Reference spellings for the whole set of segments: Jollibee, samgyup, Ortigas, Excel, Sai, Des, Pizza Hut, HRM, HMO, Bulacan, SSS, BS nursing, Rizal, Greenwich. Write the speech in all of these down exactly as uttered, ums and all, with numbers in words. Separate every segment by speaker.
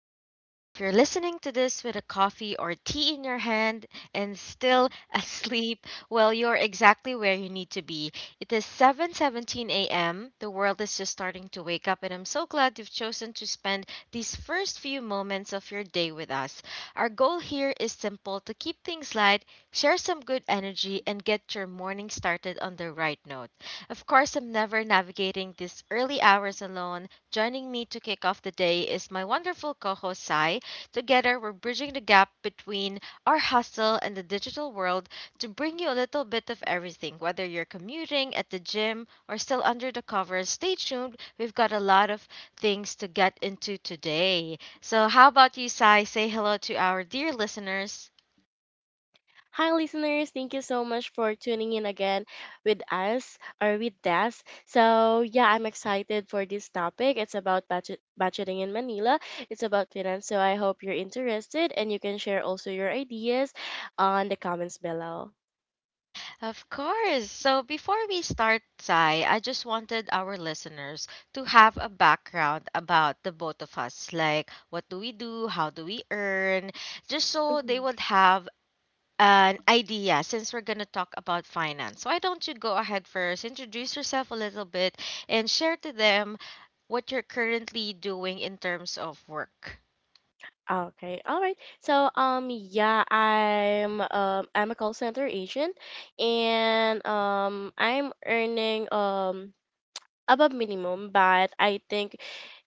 Speaker 1: I'm Des, and if you're listening to this with a coffee or tea in your hand and still asleep, well, you're exactly where you need to be. It is seven seventeen a m. The world is just starting to wake up, and I'm so glad you've chosen to spend these first few moments of your day with us. Our goal here is simple: to keep things light, share some good energy, and get your morning started on the right note. Of course, I'm never navigating these early hours alone. Joining me to kick off the day is my wonderful co host, Sai. Together, we're bridging the gap between our hustle and the digital world to bring you a little bit of everything. Whether you're commuting, at the gym, or still under the covers, stay tuned. We've got a lot of things to get into today. So, how about you, Sai? Say hello to our dear listeners.
Speaker 2: Hi, listeners. Thank you so much for tuning in again with us or with us. So, yeah, I'm excited for this topic. It's about budget, budgeting in Manila, it's about finance. So, I hope you're interested and you can share also your ideas on the comments below.
Speaker 1: Of course. So before we start, Sai, I just wanted our listeners to have a background about the both of us. Like, what do we do? How do we earn? Just so they
Speaker 2: Mhm.
Speaker 1: would have an idea since we're going to talk about finance. Why don't you go ahead first, introduce yourself a little bit, and share to them what you're currently doing in terms of work.
Speaker 2: Okay, all right. So, um, yeah, I'm um I'm a call center agent, and um I'm earning um above minimum, but I think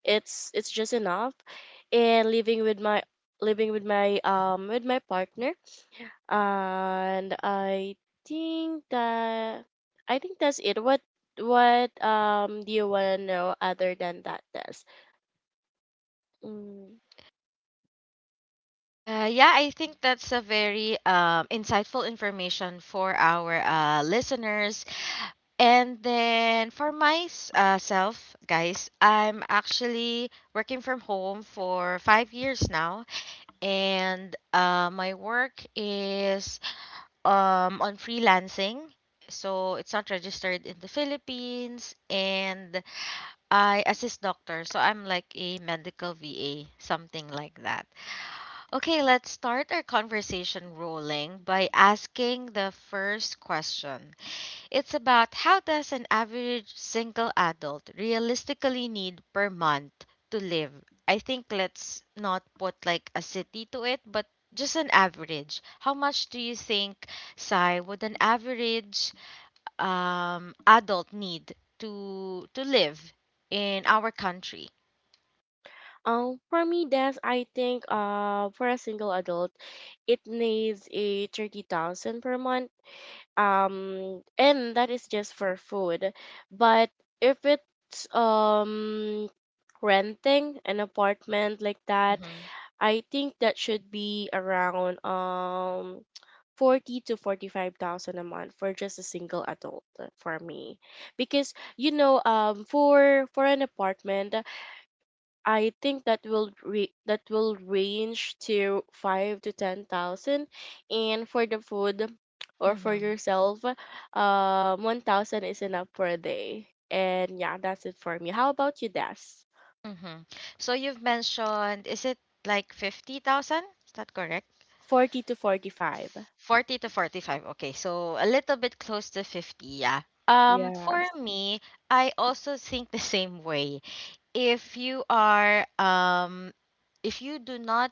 Speaker 2: it's it's just enough. And living with my living with my um with my partner, and I think that I think that's it. What what um do you wanna know other than that, Des? Mm.
Speaker 1: Uh, yeah, I think that's a very um, insightful information for our uh, listeners. And then for myself, guys, I'm actually working from home for five years now. And uh, my work is um, on freelancing. So it's not registered in the Philippines. And I assist doctors. So I'm like a medical V A, something like that. Okay, let's start our conversation rolling by asking the first question. It's about how does an average single adult realistically need per month to live. I think let's not put like a city to it, but just an average. How much do you think, Sai, would an average um, adult need to to live in our country?
Speaker 2: Um, for me, Des, I think uh for a single adult, it needs a thirty thousand per month, um and that is just for food, but if it's um renting an apartment like that,
Speaker 1: Mm-hmm.
Speaker 2: I think that should be around um forty to forty-five thousand a month for just a single adult, uh, for me because you know um for for an apartment, I think that will re- that will range to five to ten thousand, and for the food or for
Speaker 1: Mm-hmm.
Speaker 2: yourself, um, one thousand is enough for a day. And yeah, that's it for me. How about you, Des?
Speaker 1: Mm-hmm. So you've mentioned, is it like fifty thousand? Is that correct?
Speaker 2: Forty to forty-five.
Speaker 1: forty to forty-five. Okay, so a little bit close to fifty, yeah. Um for
Speaker 2: Yes.
Speaker 1: me, I also think the same way. If you are um if you do not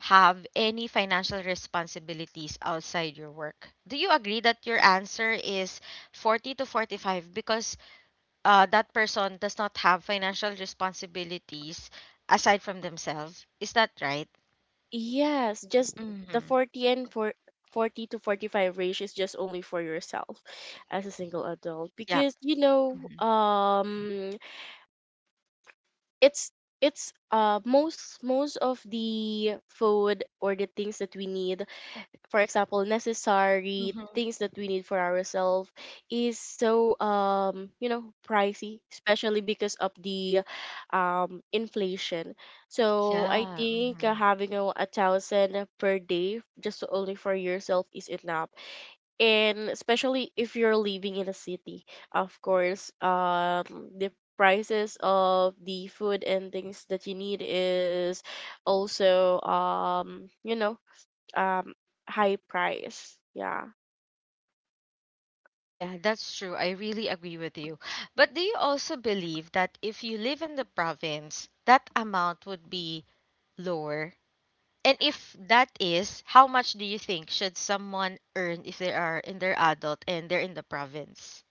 Speaker 1: have any financial responsibilities outside your work, do you agree that your answer is forty to forty-five because uh, that person does not have financial responsibilities aside from themselves? Is that right?
Speaker 2: Yes, just the
Speaker 1: Mm-hmm.
Speaker 2: forty and for forty to forty-five range is just only for yourself as a single adult
Speaker 1: Yeah.
Speaker 2: because you know um it's it's uh most most of the food or the things that we need, for example necessary
Speaker 1: Mm-hmm.
Speaker 2: things that we need for ourselves, is so um you know pricey, especially because of the um inflation. So I
Speaker 1: Yeah.
Speaker 2: think, uh,
Speaker 1: Mhm.
Speaker 2: having a, a thousand per day just only for yourself is enough. And especially if you're living in a city, of course um the prices of the food and things that you need is also um you know um high price, yeah.
Speaker 1: Yeah, that's true. I really agree with you. But do you also believe that if you live in the province, that amount would be lower? And if that is, how much do you think should someone earn if they are in their adult and they're in the province?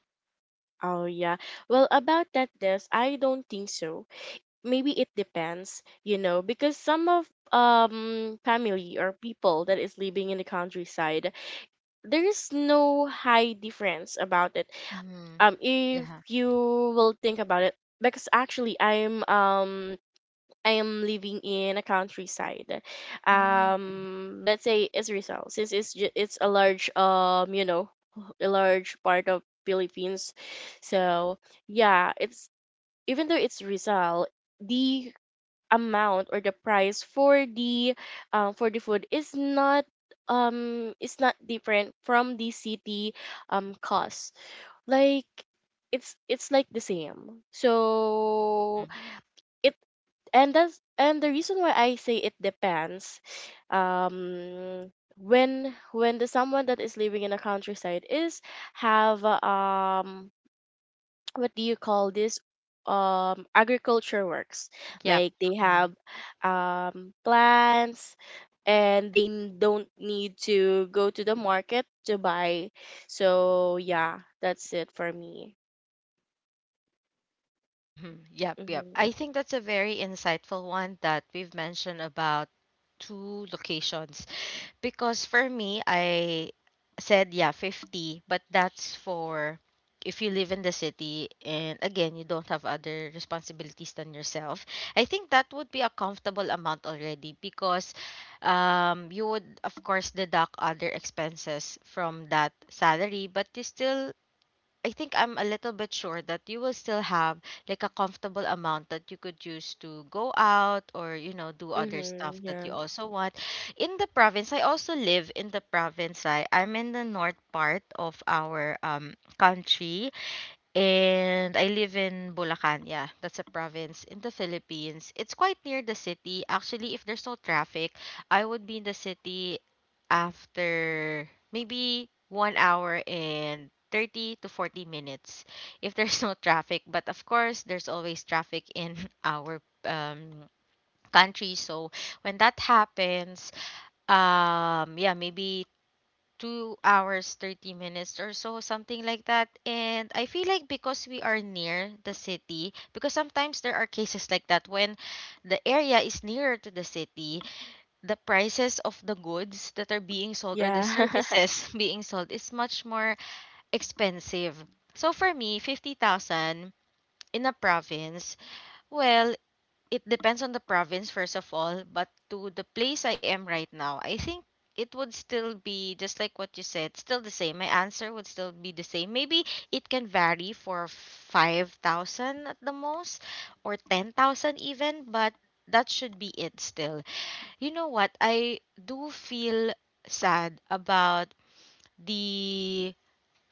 Speaker 2: Oh, yeah. Well, about that, this I don't think so. Maybe it depends, you know because some of um family or people that is living in the countryside, there is no high difference about it,
Speaker 1: Mm-hmm.
Speaker 2: um if
Speaker 1: Yeah.
Speaker 2: you will think about it. Because actually i'm um I am living in a countryside.
Speaker 1: Mm-hmm.
Speaker 2: Um let's say it's Rizal, since it's ju- it's a large, um you know a large part of Philippines. So, yeah, it's even though it's Rizal, the amount or the price for the um, for the food is not um is not different from the city um cost. Like it's it's like the same, so it and that's and the reason why I say it depends, um when when the someone that is living in a countryside is have, um what do you call this, um agriculture works.
Speaker 1: Yep.
Speaker 2: Like they
Speaker 1: Mm-hmm.
Speaker 2: have um plants and they n- don't need to go to the market to buy. So yeah, that's it for me.
Speaker 1: Mm-hmm. Yep. Yep.
Speaker 2: Mm-hmm.
Speaker 1: I think that's a very insightful one that we've mentioned about two locations. Because for me, I said, yeah, fifty, but that's for if you live in the city and again, you don't have other responsibilities than yourself. I think that would be a comfortable amount already because um, you would, of course, deduct other expenses from that salary, but you still, I think, I'm a little bit sure that you will still have like a comfortable amount that you could use to go out or, you know, do other
Speaker 2: Mm-hmm.
Speaker 1: stuff that
Speaker 2: Yeah.
Speaker 1: you also want. In the province, I also live in the province. I I'm in the north part of our um country, and I live in Bulacan. Yeah, that's a province in the Philippines. It's quite near the city. Actually, if there's no traffic, I would be in the city after maybe one hour and thirty to forty minutes if there's no traffic. But of course, there's always traffic in our um, country. So when that happens, um, yeah, maybe two hours, thirty minutes or so, something like that. And I feel like because we are near the city, because sometimes there are cases like that when the area is nearer to the city, the prices of the goods that are being sold or the
Speaker 2: Yeah.
Speaker 1: services being sold is much more expensive. So for me, fifty thousand in a province, well, it depends on the province first of all, but to the place I am right now, I think it would still be just like what you said, still the same. My answer would still be the same. Maybe it can vary for five thousand at the most, or ten thousand even, but that should be it still. You know what I do feel sad about? The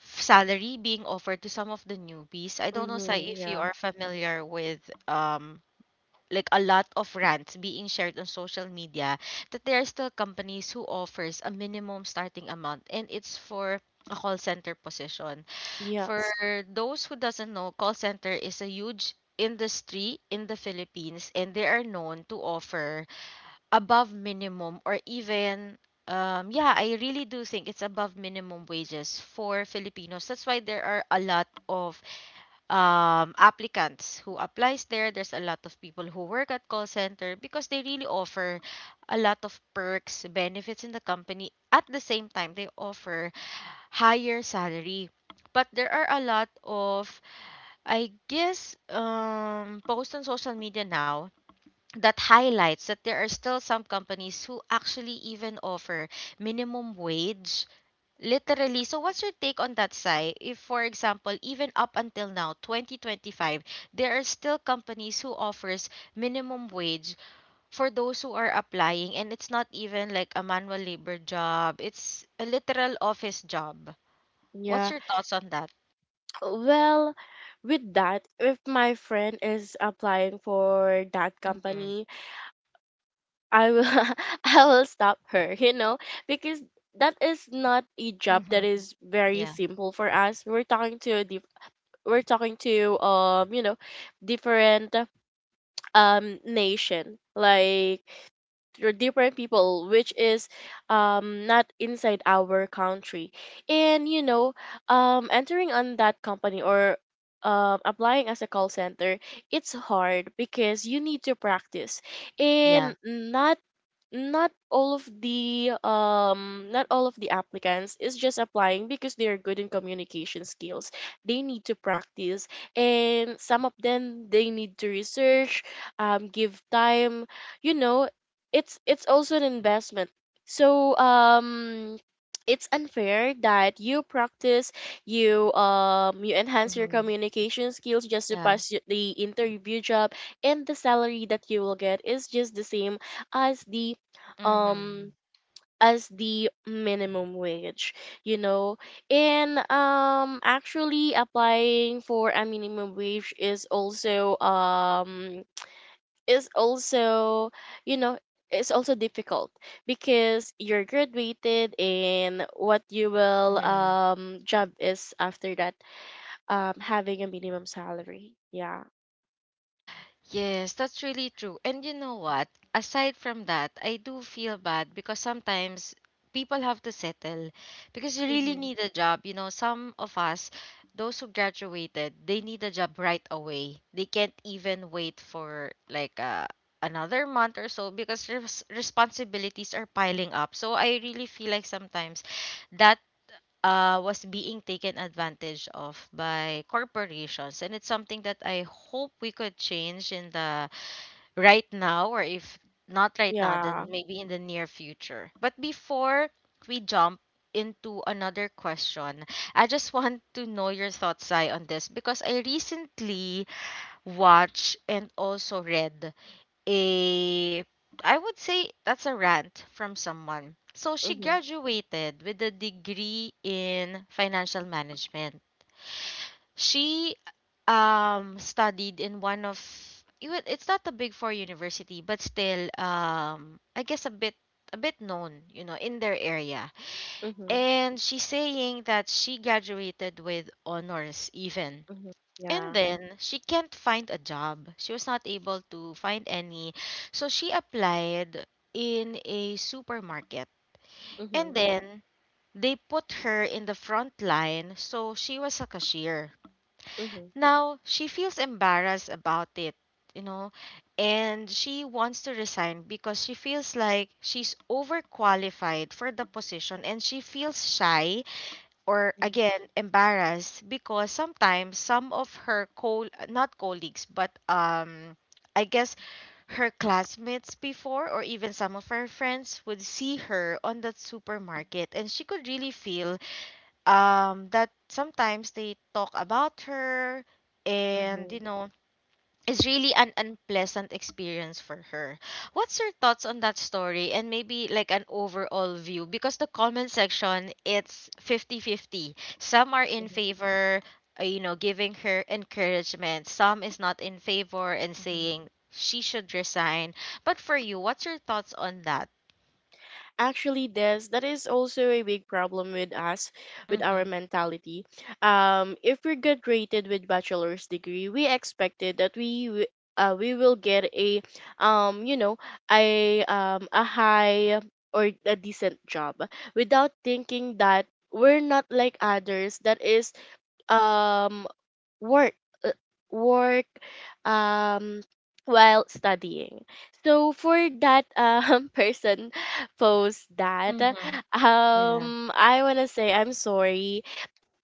Speaker 1: salary being offered to some of the newbies. I don't know, say
Speaker 2: Mm-hmm.
Speaker 1: if you
Speaker 2: Yeah.
Speaker 1: are familiar with um like a lot of rants being shared on social media that there are still companies who offers a minimum starting amount, and it's for a call center position. For
Speaker 2: Yes.
Speaker 1: those who doesn't know, call center is a huge industry in the Philippines, and they are known to offer above minimum or even um, yeah, I really do think it's above minimum wages for Filipinos. That's why there are a lot of um, applicants who applies there. There's a lot of people who work at call center because they really offer a lot of perks, benefits in the company. At the same time, they offer higher salary. But there are a lot of, I guess, um, posts on social media now that highlights that there are still some companies who actually even offer minimum wage. Literally. So what's your take on that, Sai? If, for example, even up until now, twenty twenty-five, there are still companies who offers minimum wage for those who are applying, and it's not even like a manual labor job. It's a literal office job. What's
Speaker 2: Yeah.
Speaker 1: your thoughts on that?
Speaker 2: Well, with that, if my friend is applying for that
Speaker 1: Mm-hmm.
Speaker 2: company, I will I will stop her, you know, because that is not a job that
Speaker 1: Mm-hmm.
Speaker 2: is very
Speaker 1: Yeah.
Speaker 2: simple for us. We're talking to a diff- we're talking to um you know different um nation, like they're different people, which is um not inside our country. And you know um entering on that company, or um applying as a call center, it's hard because you need to practice, and
Speaker 1: Yeah.
Speaker 2: not not all of the um not all of the applicants is just applying because they are good in communication skills. They need to practice, and some of them, they need to research, um give time, you know it's it's also an investment. So, um it's unfair that you practice, you um you enhance your
Speaker 1: Mm-hmm.
Speaker 2: communication skills just to
Speaker 1: Yeah.
Speaker 2: pass y- the interview job, and the salary that you will get is just the same as the
Speaker 1: Mm-hmm.
Speaker 2: um as the minimum wage you know and um actually, applying for a minimum wage is also um is also you know it's also difficult because you're graduated, and what you will
Speaker 1: Mm-hmm.
Speaker 2: um job is after that, um having a minimum salary, yeah.
Speaker 1: Yes, that's really true. And you know what? Aside from that, I do feel bad because sometimes people have to settle because you really
Speaker 2: Mm-hmm.
Speaker 1: need a job. You know, some of us, those who graduated, they need a job right away. They can't even wait for like uh, another month or so because res- responsibilities are piling up. So I really feel like sometimes that uh, was being taken advantage of by corporations. And it's something that I hope we could change in the right now, or if not right now,
Speaker 2: Yeah.
Speaker 1: then maybe in the near future. But before we jump into another question, I just want to know your thoughts, Sai, on this because I recently watched and also read a, I would say that's a rant from someone. So she
Speaker 2: Mm-hmm.
Speaker 1: graduated with a degree in financial management. She um studied in one of, even it's not a big four university, but still um I guess a bit a bit known, you know, in their area.
Speaker 2: Mm-hmm.
Speaker 1: And she's saying that she graduated with honors even.
Speaker 2: Mm-hmm.
Speaker 1: And
Speaker 2: Yeah.
Speaker 1: then she can't find a job. She was not able to find any. So she applied in a supermarket. And
Speaker 2: Mm-hmm.
Speaker 1: then they put her in the front line. So she was a cashier.
Speaker 2: Mm-hmm.
Speaker 1: Now she feels embarrassed about it, you know, and she wants to resign because she feels like she's overqualified for the position, and she feels shy or
Speaker 2: Mm-hmm.
Speaker 1: again embarrassed because sometimes some of her co, not colleagues, but um I guess her classmates before or even some of her friends would see her on that supermarket, and she could really feel um that sometimes they talk about her, and you
Speaker 2: Mm-hmm.
Speaker 1: know, is really an unpleasant experience for her. What's your thoughts on that story and maybe like an overall view? Because the comment section, it's fifty fifty. Some are in favor, uh, you know, giving her encouragement, some is not in favor and
Speaker 2: Mhm.
Speaker 1: saying she should resign. But for you, what's your thoughts on that?
Speaker 2: Actually, Des, that is also a big problem with us, with our
Speaker 1: Mm-hmm.
Speaker 2: mentality. Um if we get graded with bachelor's degree, we expected that we wi- uh, we will get a um you know a um a high or a decent job, without thinking that we're not like others that is, um work, uh, work um while studying. So for that um person post, that
Speaker 1: Mm-hmm. Yeah.
Speaker 2: um I want to say I'm sorry.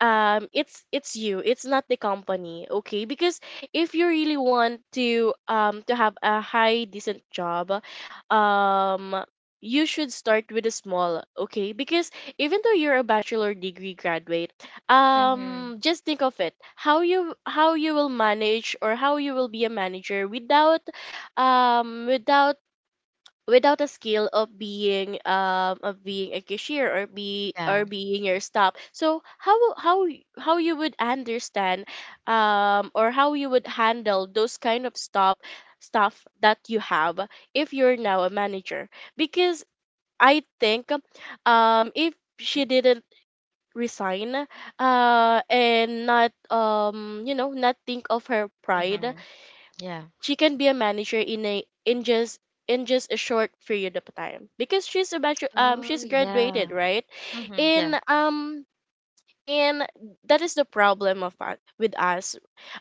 Speaker 2: Um it's it's you it's not the company, okay, because if you really want to um to have a high decent job, um you should start with a small, okay, because even though you're a bachelor degree graduate,
Speaker 1: Mm-hmm.
Speaker 2: um just think of it, how you how you will manage, or how you will be a manager without um without without a skill of being, um of being a cashier, or be or
Speaker 1: Yeah.
Speaker 2: being your stop. So how how how you would understand, um or how you would handle those kind of stop stuff that you have if you're now a manager. Because I think, um if she didn't resign, uh and not um you know not think of her pride,
Speaker 1: Mm-hmm. Yeah.
Speaker 2: she can be a manager in a in just in just a short period of time, because she's about to, um
Speaker 1: Oh,
Speaker 2: she's graduated,
Speaker 1: yeah.
Speaker 2: right.
Speaker 1: Mm-hmm.
Speaker 2: in
Speaker 1: Yeah.
Speaker 2: um in That is the problem of us, with us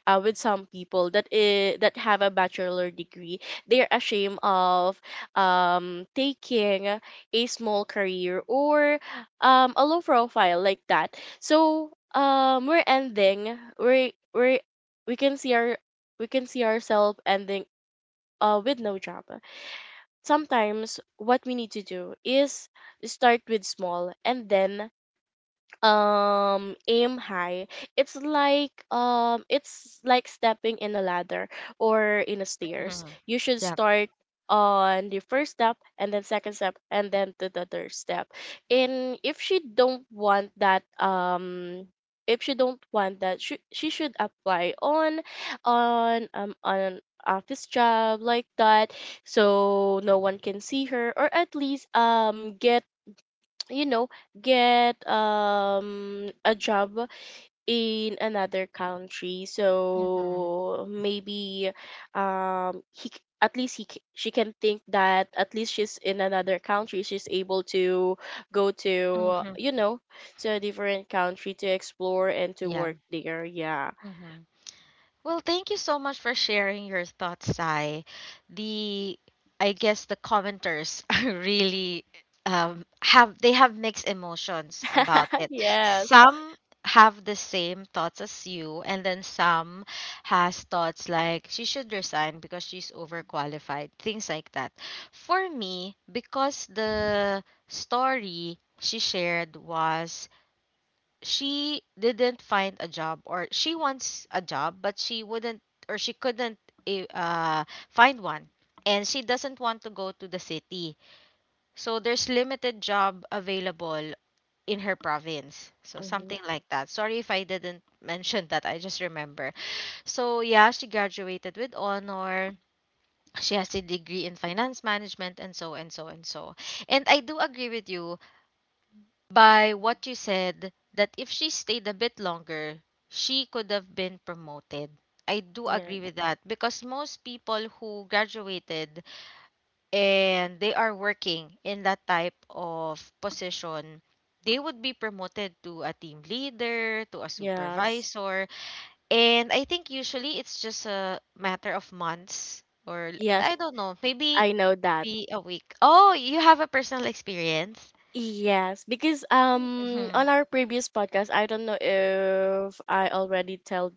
Speaker 2: uh, with some people that i- that have a bachelor degree. They're ashamed of um taking a small career, or um a low profile like that. So, um we're ending we're we're we can see our we can see ourselves ending, uh, with no job. Sometimes what we need to do is start with small and then, um aim high. It's like, um it's like stepping in a ladder or in a stairs.
Speaker 1: Mm-hmm.
Speaker 2: You should
Speaker 1: Yeah.
Speaker 2: start on the first step and then second step and then to the third step. And if she don't want that, um if she don't want that she, she should apply on on um on office job like that, so no one can see her, or at least um get you know get um a job in another country.
Speaker 1: Mm-hmm.
Speaker 2: So maybe um he c- at least he c- she can think that at least she's in another country, she's able to go to
Speaker 1: Mm-hmm.
Speaker 2: you know to a different country to explore and to
Speaker 1: Yeah.
Speaker 2: work there, yeah.
Speaker 1: Hmm. Well, thank you so much for sharing your thoughts, Sai. The I guess the commenters are really um, have, they have mixed emotions about it.
Speaker 2: Yes.
Speaker 1: Some have the same thoughts as you, and then some has thoughts like she should resign because she's overqualified, things like that. For me, because the story she shared was she didn't find a job, or she wants a job but she wouldn't, or she couldn't eh, uh, find one, and she doesn't want to go to the city, so there's limited job available in her province. So something
Speaker 2: Mhm.
Speaker 1: like that. Sorry if I didn't mention that, I just remember. So yeah, she graduated with honor, she has a degree in finance management and so and so and so. And I do agree with you by what you said that if she stayed a bit longer, she could have been promoted. I do
Speaker 2: Yeah.
Speaker 1: agree with that because most people who graduated and they are working in that type of position, they would be promoted to a team leader, to a
Speaker 2: Yes,
Speaker 1: supervisor, and I think usually it's just a matter of months or
Speaker 2: yes, yes,
Speaker 1: I don't know, maybe
Speaker 2: I know that.
Speaker 1: be a week. Oh, you have a personal experience?
Speaker 2: Yes, because um on
Speaker 1: Mhm.
Speaker 2: our previous podcast, I don't know if I already tell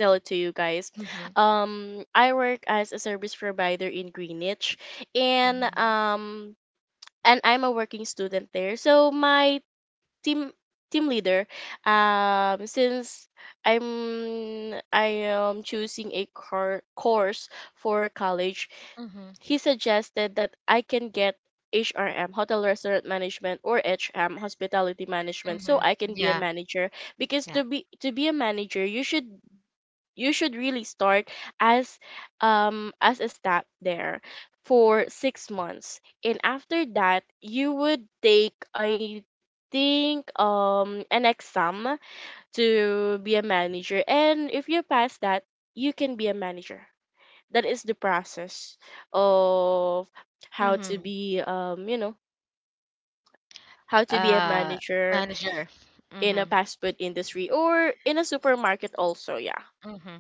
Speaker 2: tell it to you guys.
Speaker 1: Mhm.
Speaker 2: Um I work as a service provider in Greenwich, and
Speaker 1: Mhm.
Speaker 2: um and I'm a working student there. So my team team leader, um since I'm I am choosing a cor- course for college,
Speaker 1: Mm-hmm.
Speaker 2: he suggested that I can get H R M, Hotel Restaurant Management, or H M, Hospitality Management, so
Speaker 1: Mm-hmm.
Speaker 2: I can be a
Speaker 1: Yeah.
Speaker 2: manager. Because
Speaker 1: Yeah.
Speaker 2: to be to be a manager, you should you should really start as, um as a staff there for six months, and after that, you would take, I think, um an exam to be a manager, and if you pass that, you can be a manager. That is the process of how to
Speaker 1: Mm-hmm.
Speaker 2: be, um you know how to be a
Speaker 1: Uh,
Speaker 2: manager
Speaker 1: Manager.
Speaker 2: in a
Speaker 1: Mm-hmm.
Speaker 2: fast food industry or in a supermarket also, yeah.
Speaker 1: Mm-hmm.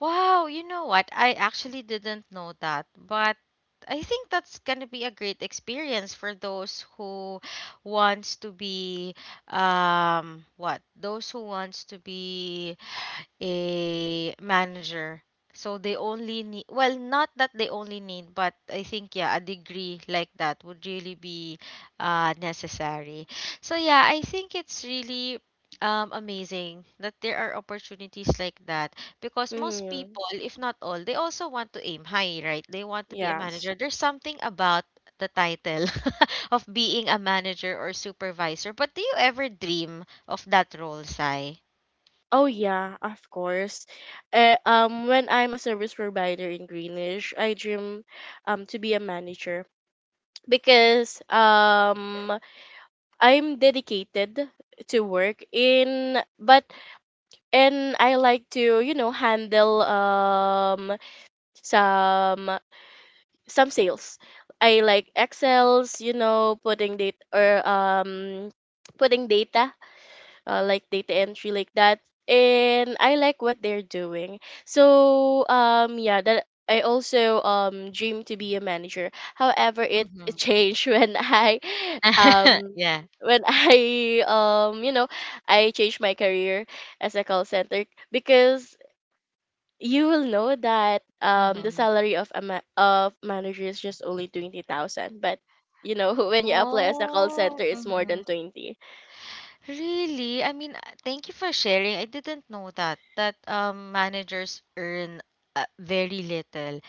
Speaker 1: Wow, you know what? I actually didn't know that, but I think that's gonna be a great experience for those who wants to be um what? Those who wants to be a manager. So they only need, well, not that they only need, but I think, yeah, a degree like that would really be uh, necessary. So, yeah, I think it's really um, amazing that there are opportunities like that because most
Speaker 2: Mm-hmm.
Speaker 1: people, if not all, they also want to aim high, right? They want to be a
Speaker 2: Yes.
Speaker 1: manager. There's something about the title of being a manager or supervisor, but do you ever dream of that role, Sai?
Speaker 2: Oh, yeah, of course. Uh, um when I'm a service provider in Greenwich, I dream um to be a manager, because um I'm dedicated to work in but and I like to, you know handle um some some sales. I like Excels, you know, putting data or um putting data, uh, like data entry, like that. And I like what they're doing. So um yeah, that I also um dream to be a manager. However, it changed when I um
Speaker 1: Yeah.
Speaker 2: when I um you know I changed my career as a call center, because you will know that um the
Speaker 1: Mhm.
Speaker 2: salary of a ma- of manager is just only twenty thousand. But you know when you apply as a call center,
Speaker 1: Oh,
Speaker 2: it's more than
Speaker 1: mhm.
Speaker 2: twenty.
Speaker 1: Really? I mean, uh, thank you for sharing. I didn't know that that um managers earn uh, very little.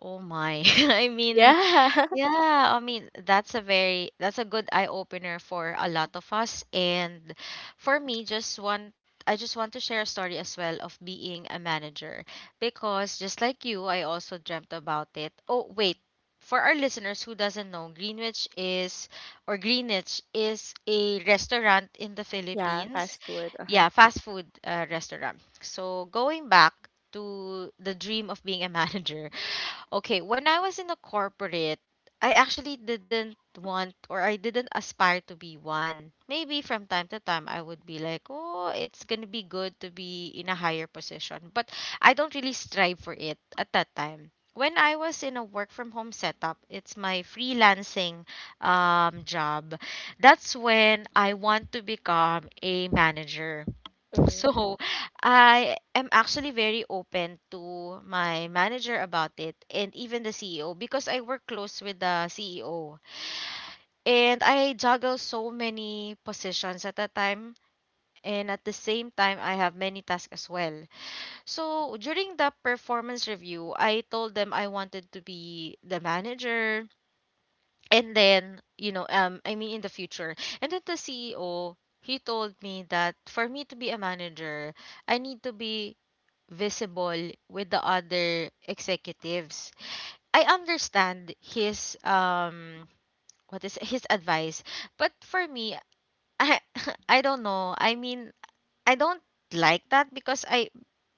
Speaker 1: Oh my. I mean,
Speaker 2: Yeah.
Speaker 1: yeah, I mean, that's a very that's a good eye opener for a lot of us, and for me just want I just want to share a story as well of being a manager because just like you, I also dreamt about it. Oh, wait. For our listeners who doesn't know, Greenwich is or Greenwich is a restaurant in the
Speaker 2: Yeah,
Speaker 1: Philippines.
Speaker 2: fast food. Uh-huh.
Speaker 1: Yeah, fast food uh, restaurant. So going back to the dream of being a manager. Okay, when I was in a corporate, I actually didn't want, or I didn't aspire to be one. Maybe from time to time I would be like, "Oh, it's going to be good to be in a higher position." But I don't really strive for it at that time. When I was in a work from home setup, it's my freelancing um, job. That's when I want to become a manager.
Speaker 2: Hmm.
Speaker 1: So I am actually very open to my manager about it and even the C E O because I work close with the C E O, and I juggle so many positions at a time, and at the same time I have many tasks as well. So during the performance review, I told them I wanted to be the manager and then, you know, um I mean in the future. And then the C E O, he told me that for me to be a manager, I need to be visible with the other executives. I understand his um what is his advice, but for me, I I don't know. I mean, I don't like that because I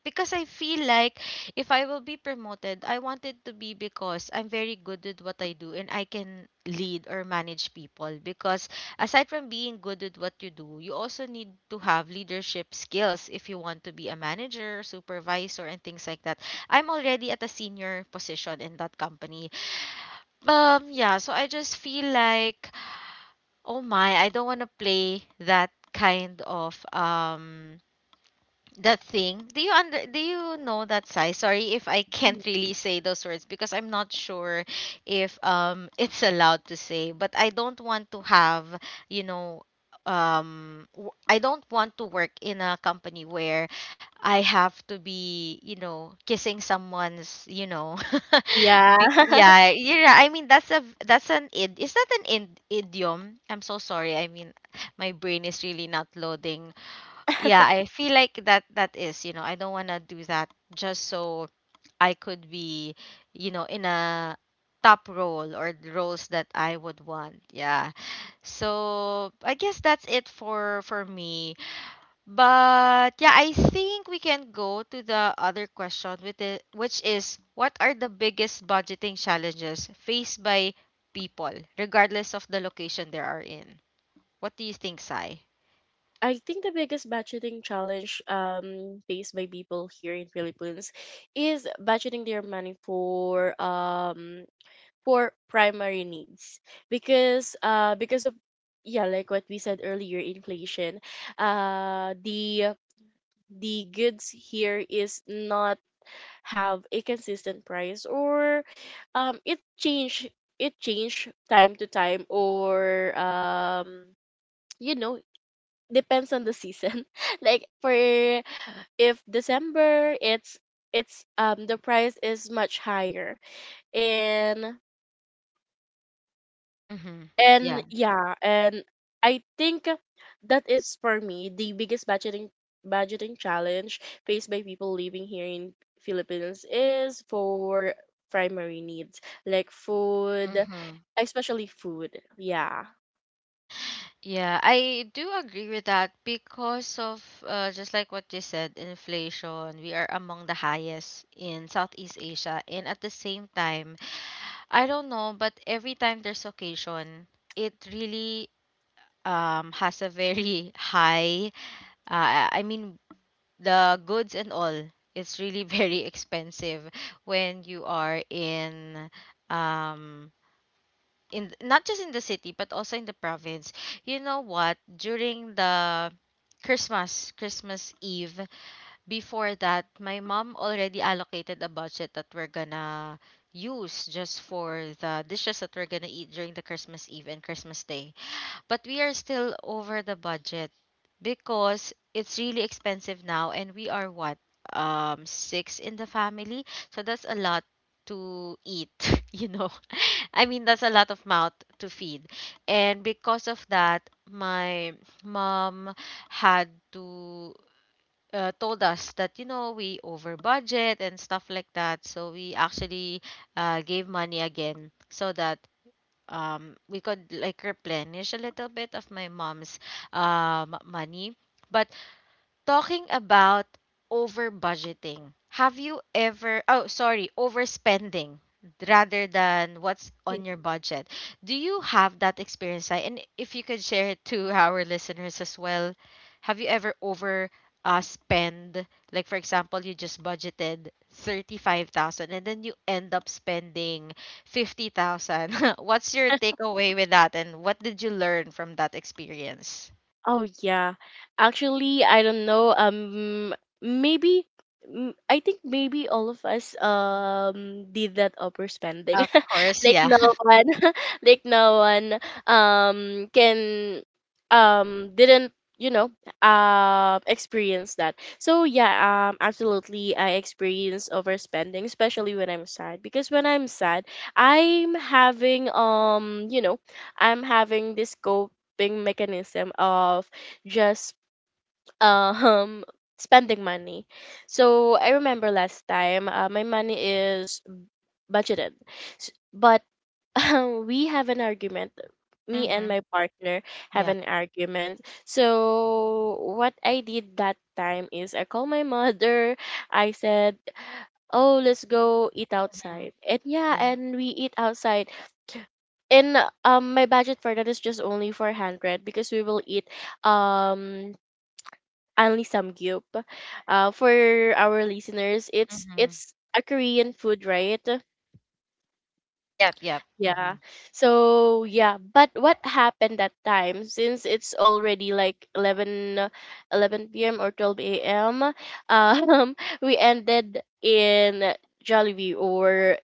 Speaker 1: because I feel like if I will be promoted, I want it to be because I'm very good with what I do and I can lead or manage people. Because aside from being good with what you do, you also need to have leadership skills if you want to be a manager, supervisor, and things like that. I'm already at a senior position in that company. Um, yeah, so I just feel like, oh my, I don't want to play that kind of um that thing. Do you under do you know that size? Sorry if I can't really say those words because I'm not sure if um it's allowed to say, but I don't want to have, you know, um w- I don't want to work in a company where I have to be, you know, kissing someone's, you know,
Speaker 2: Yeah.
Speaker 1: be, yeah, yeah, I mean that's a that's an id is that an id, idiom? I'm so sorry. I mean my brain is really not loading. Yeah, I feel like that that is, you know, I don't want to do that just so I could be, you know, in a top role or the roles that I would want. Yeah, so I guess that's it for for me. But yeah, I think we can go to the other question with it, which is what are the biggest budgeting challenges faced by people regardless of the location they are in? What do you think, Sai?
Speaker 2: I think the biggest budgeting challenge um faced by people here in Philippines is budgeting their money for, um for primary needs, because uh because of, yeah, like what we said earlier, inflation. Uh the the goods here is not have a consistent price, or um it change it change time to time, or um you know depends on the season. Like for if December, it's it's um the price is much higher, and.
Speaker 1: Mm-hmm.
Speaker 2: And,
Speaker 1: Yeah.
Speaker 2: yeah, and I think that is for me the biggest budgeting budgeting challenge faced by people living here in Philippines, is for primary needs like food,
Speaker 1: Mm-hmm.
Speaker 2: especially food. Yeah.
Speaker 1: Yeah, I do agree with that because of, uh, just like what you said, inflation, we are among the highest in Southeast Asia. And at the same time, I don't know, but every time there's occasion, it really um, has a very high, uh, I mean, the goods and all, it's really very expensive when you are in um, in th- not just in the city but also in the province. You know what? During the Christmas, Christmas Eve, before that, my mom already allocated a budget that we're gonna use just for the dishes that we're gonna eat during the Christmas Eve and Christmas Day, but we are still over the budget because it's really expensive now, and we are what, um six in the family, so that's a lot to eat. You know, I mean that's a lot of mouth to feed, and because of that my mom had to uh, told us that, you know, we over budget and stuff like that, so we actually uh, gave money again so that um we could like replenish a little bit of my mom's um money. But talking about over budgeting. Have you ever, oh, sorry, overspending rather than what's on your budget? Do you have that experience, Sai? And if you could share it to our listeners as well, have you ever over uh, spend? Like, for example, you just budgeted thirty-five thousand and then you end up spending fifty thousand. What's your takeaway with that? And what did you learn from that experience?
Speaker 2: Oh, yeah. Actually, I don't know. Um, maybe mm, I think maybe all of us um did that overspending.
Speaker 1: Of course,
Speaker 2: like
Speaker 1: yeah.
Speaker 2: no one, like no one um can um didn't you know um experience that. So yeah, um absolutely I experience overspending, especially when I'm sad because when I'm sad, I'm having um you know I'm having this cope coping mechanism of just um spending money. So I remember last time uh, my money is budgeted, S- but we have an argument. Me and
Speaker 1: Mm-hmm.
Speaker 2: my partner have an argument. So what I did that time is I called my mother. I said, oh, let's go eat
Speaker 1: Mm,
Speaker 2: outside. And yeah,
Speaker 1: yeah.
Speaker 2: and we eat outside, and um my budget for that is just only four hundred because we will eat um only samgyup. Uh for our listeners, it's
Speaker 1: Mm-hmm.
Speaker 2: it's a Korean food, right?
Speaker 1: Yep, yep. Mm-hmm.
Speaker 2: Yeah. So yeah, but what happened that time, since it's already like eleven uh, eleven p.m. or twelve a.m., um we ended in Jollibee or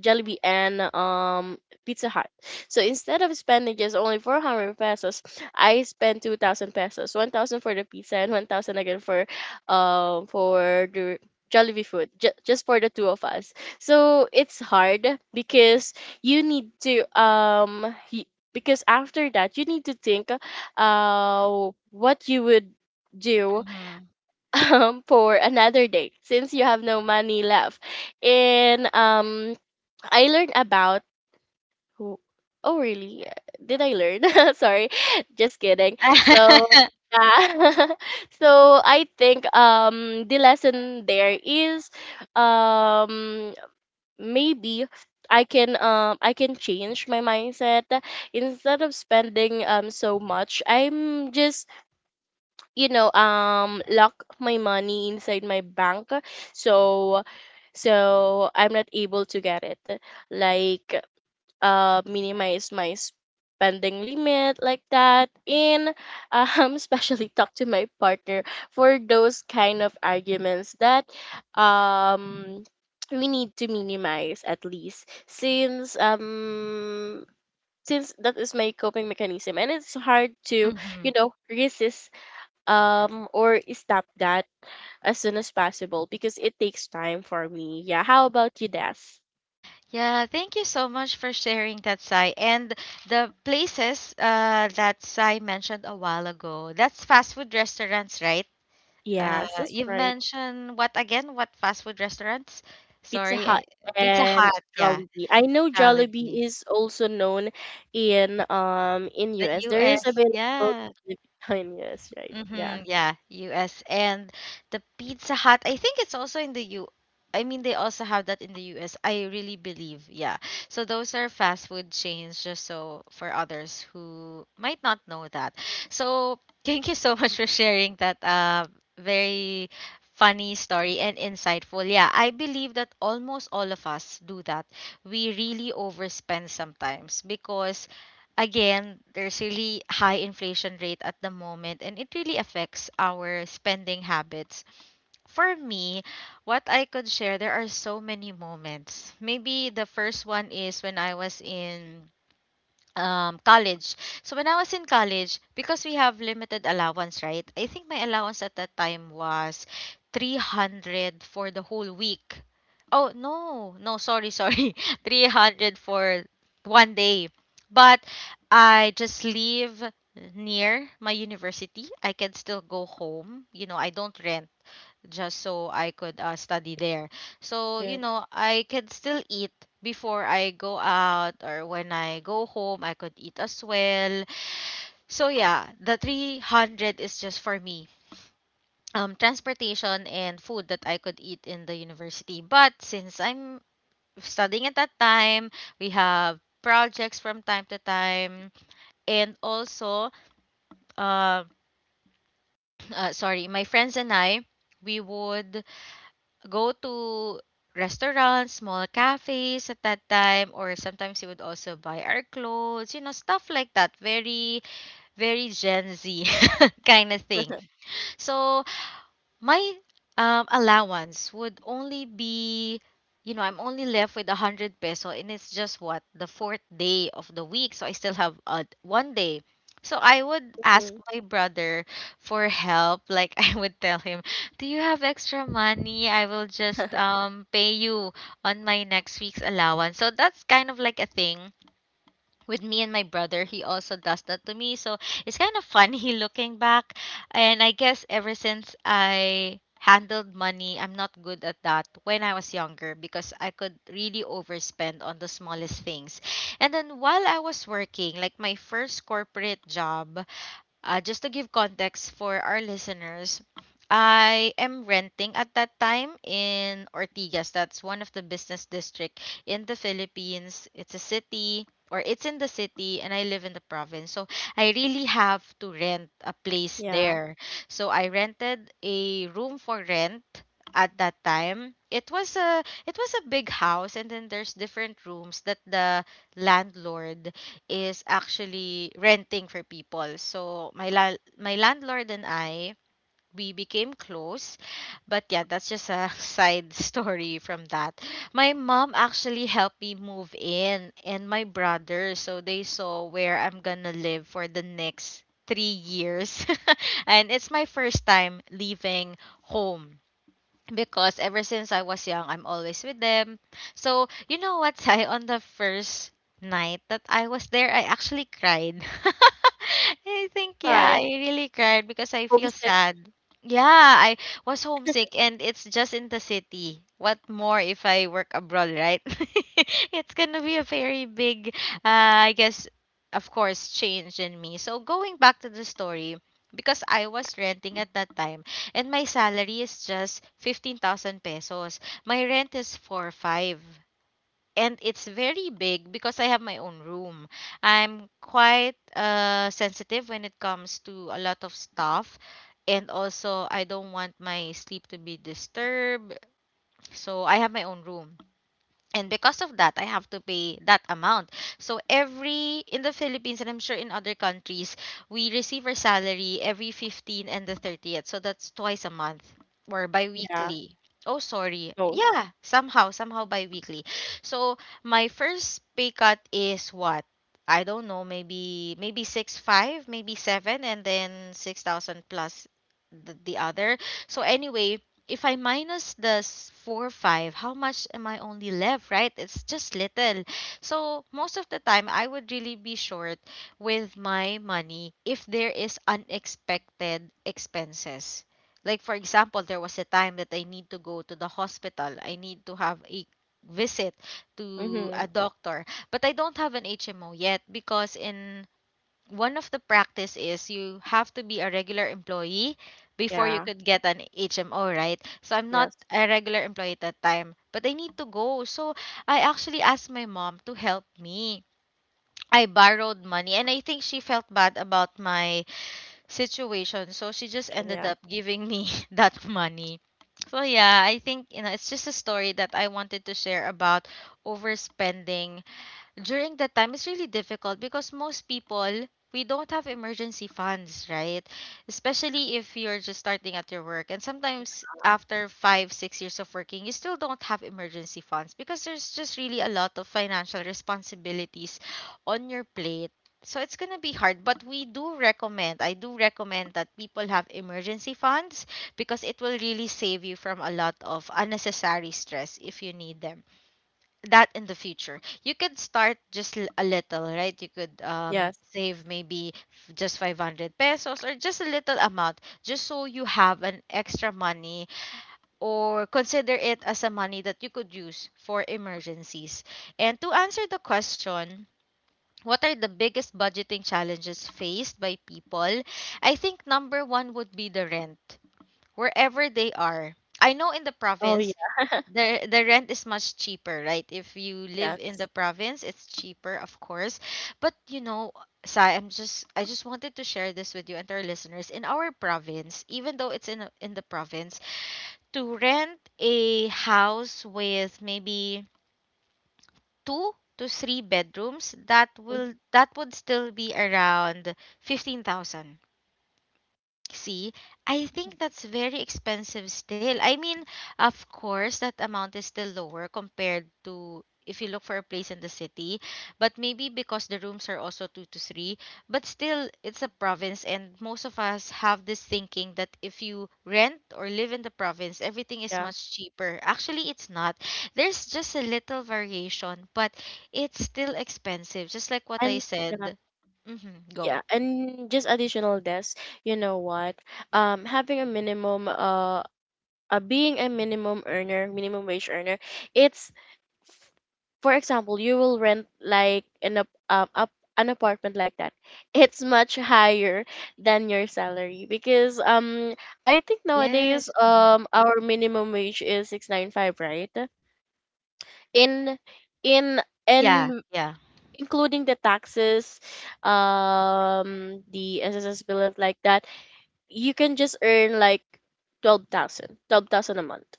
Speaker 2: Jollibee and um Pizza Hut. So instead of spending just only four hundred pesos, I spent two thousand pesos, one thousand for the pizza and one thousand again for um for the Jollibee food, ju- just for the two of us. So it's hard because you need to um y- because after that you need to think uh what you would do,
Speaker 1: Mm-hmm.
Speaker 2: um for another day, since you have no money left. And um I learned about who. Oh really? Did I learn? Sorry. Just kidding. So yeah. So I think um the lesson there is, um maybe I can um I can change my mindset. Instead of spending um so much, I'm just, you know, um lock my money inside my bank, so so I'm not able to get it, like, uh minimize my spending limit, like that. And um especially talk to my partner, for those kind of arguments that um we need to minimize, at least, since um since that is my coping mechanism and it's hard to, you
Speaker 1: Mm-hmm.
Speaker 2: know, resist um or stop that as soon as possible, because it takes time for me. Yeah, how about you, Des?
Speaker 1: Yeah, thank you so much for sharing that, Sai. And the places uh, that Sai mentioned a while ago, that's fast food restaurants, right? Uh,
Speaker 2: Yes, that's
Speaker 1: you
Speaker 2: right.
Speaker 1: mentioned what again? What fast food restaurants?
Speaker 2: Pizza
Speaker 1: Sorry, I,
Speaker 2: Hut
Speaker 1: Pizza
Speaker 2: and
Speaker 1: Hut, yeah,
Speaker 2: Jollibee. I know
Speaker 1: Jollibee,
Speaker 2: Jollibee is also known in um in
Speaker 1: the
Speaker 2: U S. There is
Speaker 1: U S,
Speaker 2: available
Speaker 1: yeah.
Speaker 2: in Philippines, yes, right? Yeah.
Speaker 1: Mm-hmm, yeah, U S and the Pizza Hut. I think it's also in the U. I mean, they also have that in the U S. I really believe, yeah. So those are fast food chains, just so for others who might not know that. So thank you so much for sharing that uh, very funny story and insightful. Yeah, I believe that almost all of us do that. We really overspend sometimes because again, there's really high inflation rate at the moment and it really affects our spending habits. For me, what I could share, there are so many moments. Maybe the first one is when I was in um college. So when I was in college, because we have limited allowance, right? I think my allowance at that time was three hundred for the whole week. Oh no, no, sorry, sorry, three hundred for one day. But I just live near my university, I can still go home, you know, I don't rent just so I could uh, study there. So, you
Speaker 2: Good.
Speaker 1: know, I can still eat before I go out, or when I go home, I could eat as well. So, yeah, the three hundred is just for me. Um, transportation and food that I could eat in the university. But since I'm studying at that time, we have projects from time to time. And also, uh, uh, sorry, my friends and I, we would go to restaurants, small cafes at that time, or sometimes he would also buy our clothes, you know, stuff like that. Very, very Gen Z kind of thing. So my um, allowance would only be, you know, I'm only left with a hundred peso, and it's just what, the fourth day of the week, so I still have uh, one day. So I would ask
Speaker 2: Mhm.
Speaker 1: my brother for help, like I would tell him, do you have extra money? I will just um pay you on my next week's allowance. So that's kind of like a thing with me and my brother. He also does that to me. So it's kind of funny looking back. And I guess ever since I handled money, I'm not good at that. When I was younger, because I could really overspend on the smallest things. And then while I was working, like my first corporate job, uh, just to give context for our listeners, I am renting at that time in Ortigas. That's one of the business district in the Philippines. It's a city, or it's in the city, and I live in the province. So I really have to rent a place
Speaker 2: Yeah.
Speaker 1: there. So I rented a room for rent at that time. It was a it was a big house, and then there's different rooms that the landlord is actually renting for people. So my la- my landlord and I, we became close. But yeah, that's just a side story from that. My mom actually helped me move in, and my brother, so they saw where I'm going to live for the next three years. And it's my first time leaving home because ever since I was young, I'm always with them. So, you know what, Sai, on the first night that I was there, I actually cried. I think, yeah, I
Speaker 2: Why?
Speaker 1: really cried because I feel
Speaker 2: Homesick.
Speaker 1: sad. Yeah, I was homesick, and it's just in the city. What more if I work abroad, right? It's gonna be a very big, uh, I guess, of course, change in me. So, going back to the story, because I was renting at that time and my salary is just fifteen thousand pesos. My rent is four five, and it's very big because I have my own room. I'm quite uh, sensitive when it comes to a lot of stuff, and also I don't want my sleep to be disturbed. So I have my own room, and because of that I have to pay that amount. So every, in the Philippines, and I'm sure in other countries, we receive our salary every fifteenth and the thirtieth, so that's twice a month or
Speaker 2: Yeah.
Speaker 1: bi-weekly. Oh, sorry.
Speaker 2: Both.
Speaker 1: Yeah, somehow somehow bi-weekly. So my first pay cut is what, I don't know, maybe maybe six five, maybe seven, and then six thousand plus the, the other. So anyway, if I minus the s- four five, how much am I only left, right? It's just little. So most of the time I would really be short with my money if there is unexpected expenses. Like for example, there was a time that I need to go to the hospital. I need to have a visit to
Speaker 2: Mm-hmm.
Speaker 1: a doctor, but I don't have an H M O yet because in one of the practice is you have to be a regular employee before you
Speaker 2: Yeah.
Speaker 1: could get an H M O, right? So I'm not
Speaker 2: Yes.
Speaker 1: a regular employee at that time, but I need to go. So I actually asked my mom to help me. I borrowed money, and I think she felt bad about my situation. So she just
Speaker 2: Kitchen,
Speaker 1: ended
Speaker 2: yeah.
Speaker 1: up giving me that money. So yeah, I think you know it's just a story that I wanted to share about overspending during that time. It's really difficult because most people, we don't have emergency funds, right? Especially if you're just starting at your work, and sometimes
Speaker 2: Yeah.
Speaker 1: after five six years of working you still don't have emergency funds because there's just really a lot of financial responsibilities on your plate. So it's going to be hard, but we do recommend I do recommend that people have emergency funds because it will really save you from a lot of unnecessary stress if you need them, that in the future you could start just l- a little, right? You could um
Speaker 2: Yes.
Speaker 1: save maybe f- just five hundred pesos, or just a little amount, just so you have an extra money, or consider it as a money that you could use for emergencies. And to answer the question, what are the biggest budgeting challenges faced by people? I think number one would be the rent, wherever they are. I know in the
Speaker 2: Oh
Speaker 1: province
Speaker 2: yeah.
Speaker 1: the the rent is much cheaper, right? If you live in
Speaker 2: Yes.
Speaker 1: the province, it's cheaper, of course. But you know, Sai, I'm just I just wanted to share this with you and to our listeners. In our province, even though it's in in the province, to rent a house with maybe two to three bedrooms, that
Speaker 2: Mm,
Speaker 1: will that would still be around fifteen thousand. See, I think that's very expensive still. I mean, of course, that amount is still lower compared to if you look for a place in the city, but maybe because the rooms are also two to three. But still, it's a province, and most of us have this thinking that if you rent or live in the province, everything is
Speaker 2: yeah.
Speaker 1: much cheaper. Actually, it's not. There's just a little variation, but it's still expensive, just like what I
Speaker 2: And yeah.
Speaker 1: said. Mm-hmm,
Speaker 2: Yeah.
Speaker 1: go.
Speaker 2: And just additional desk. You know what? Um, having a minimum uh uh, being a minimum earner, minimum wage earner, it's, for example, you will rent like an ap- um, up an apartment, like that. It's much higher than your salary, because um I think nowadays
Speaker 1: Yes. Mm-hmm.
Speaker 2: um our minimum wage is six ninety-five, right? In in
Speaker 1: Yeah,
Speaker 2: and
Speaker 1: yeah.
Speaker 2: including the taxes, um the S S S bill of like that, you can just earn like twelve thousand twelve thousand a month.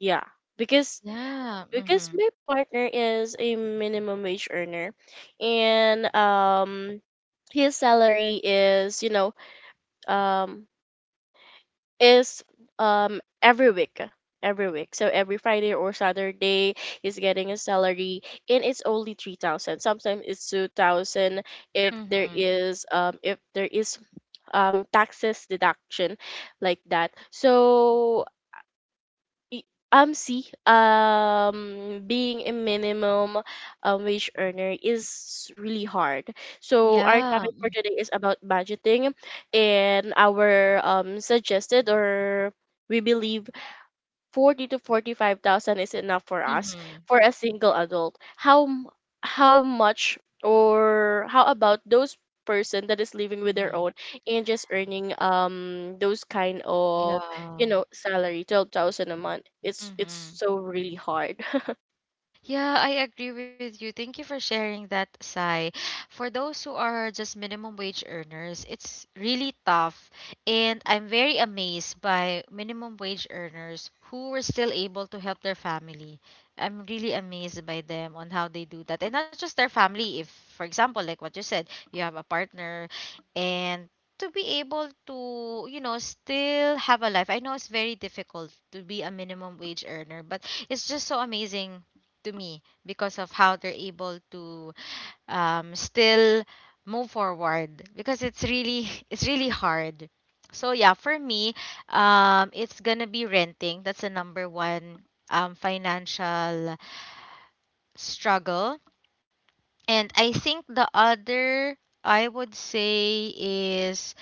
Speaker 2: Yeah. Because
Speaker 1: Yeah.
Speaker 2: because
Speaker 1: Mhm.
Speaker 2: my partner is a minimum wage earner, and um his salary is, you know, um is um every week, every week so every Friday or Saturday he's getting a salary, and it's only three thousand, sometimes it's two thousand, if there
Speaker 1: Mhm.
Speaker 2: is, um if there is um taxes deduction, like that. So Y- Um, see, um, being a minimum um, wage earner is really hard. So our
Speaker 1: Yeah.
Speaker 2: topic for today is about budgeting, and our um suggested, or we believe forty to forty-five thousand is enough for us
Speaker 1: Mhm.
Speaker 2: for a single adult. How m- how much, or how about those person that is living with their
Speaker 1: Mhm.
Speaker 2: own and just earning um those kind of, you
Speaker 1: Yeah.
Speaker 2: know, salary twelve thousand a month? it's it's
Speaker 1: Mhm.
Speaker 2: so really hard.
Speaker 1: Yeah, I agree with you. Thank you for sharing that, Sai. For those who are just minimum wage earners, it's really tough. And I'm very amazed by minimum wage earners who were still able to help their family. I'm really amazed by them on how they do that. And not just their family, if, for example, like what you said, you have a partner, and to be able to, you know, still have a life. I know it's very difficult to be a minimum wage earner, but it's just so amazing to me because of how they're able to um, still move forward, because it's really it's really hard. So yeah, for me, um, it's gonna be renting. That's the number one um, financial struggle. And I think the other, I would say, is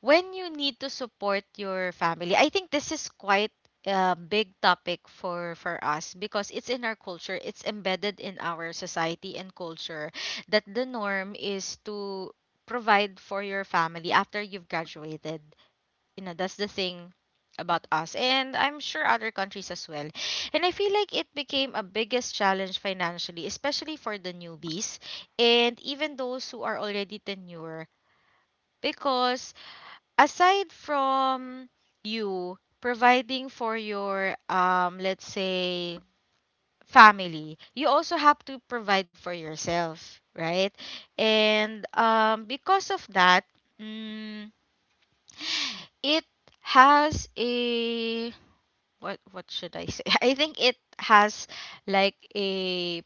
Speaker 1: when you need to support your family. I think this is quite a big topic for for us because it's in our culture. It's embedded in our society and culture that the norm is to provide for your family after you've graduated. You know, that's the thing about us, and I'm sure other countries as well. And I feel like it became a biggest challenge financially, especially for the newbies and even those who are already tenure, because aside from you providing for your um let's say family, you also have to provide for yourself, right? And um because of that, mm, it has a what what should I say? I think it has like a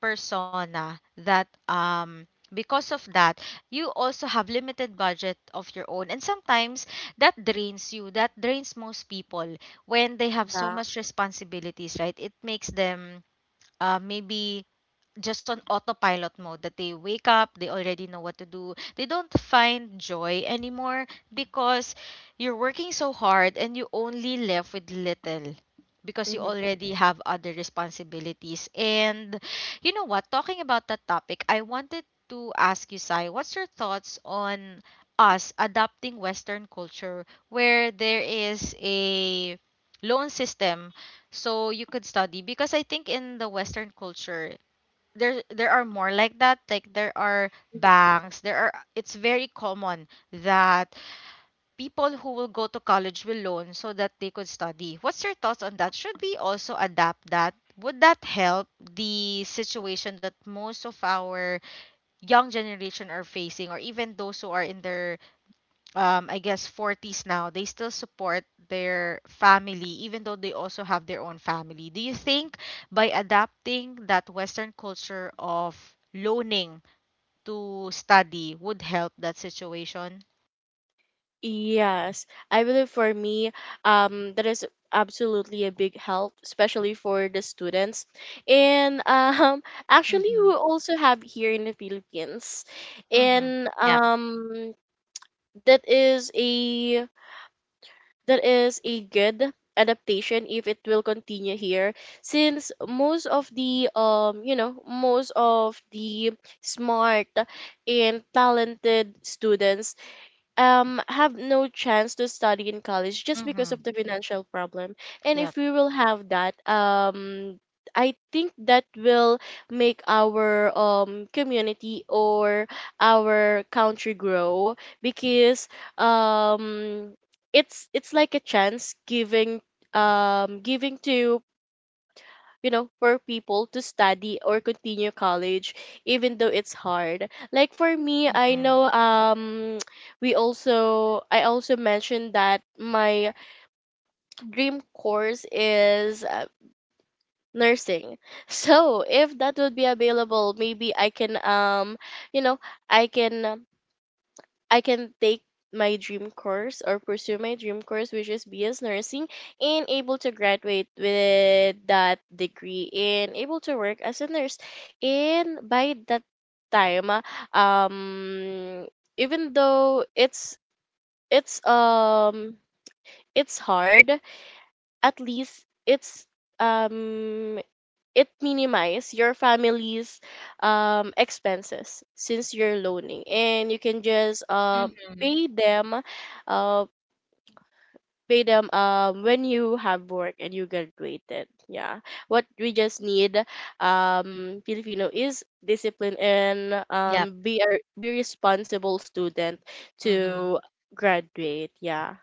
Speaker 1: persona that um because of that, you also have limited budget of your own. And sometimes that drains you that drains most people when they have so
Speaker 2: yeah
Speaker 1: much responsibilities, right? It makes them uh, maybe just on autopilot mode, that they wake up, they already know what to do, they don't find joy anymore because you're working so hard and you only left with little because you
Speaker 2: mm-hmm.
Speaker 1: already have other responsibilities. And you know what, talking about that topic, I wanted to ask you, Sai, what's your thoughts on us adopting Western culture where there is a loan system so you could study? Because I think in the Western culture there there are more like that. Like there are banks, there are it's very common that people who will go to college will loan so that they could study. What's your thoughts on that? Should we also adapt? That would that help the situation that most of our young generation are facing, or even those who are in their um, I guess forties now? They still support their family even though they also have their own family. Do you think by adapting that Western culture of loaning to study would help that situation?
Speaker 2: Yes, I believe for me, um, that is absolutely a big help, especially for the students. And um, actually,
Speaker 1: Mm-hmm.
Speaker 2: we also have here in the Philippines,
Speaker 1: Mm-hmm.
Speaker 2: and
Speaker 1: Yep.
Speaker 2: um, that is a that is a good adaptation if it will continue here, since most of the, um, you know, most of the smart and talented students um have no chance to study in college just because of
Speaker 1: Mm-hmm.
Speaker 2: the financial problem. And if
Speaker 1: Yep.
Speaker 2: we will have that, um I think that will make our um community, or our country grow, because um it's it's like a chance giving, um giving to, you know, for people to study or continue college, even though it's hard. Like for me, I
Speaker 1: Mm-hmm.
Speaker 2: know, um we also, I also mentioned that my dream course is uh, nursing. So if that would be available, maybe I can, um you know, i can I can take my dream course, or pursue my dream course, which is B S nursing, and able to graduate with that degree and able to work as a nurse. And by that time, ah, um, even though it's it's um it's hard, at least it's, um it minimizes your family's um, expenses, since you're loaning, and you can just, uh,
Speaker 1: Mm-hmm.
Speaker 2: pay them uh, pay them um, when you have work and you graduated. Yeah. What we just need, um, Filipino, is discipline and,
Speaker 1: Yep.
Speaker 2: um, be a be responsible student
Speaker 1: Mm-hmm.
Speaker 2: to graduate. Yeah.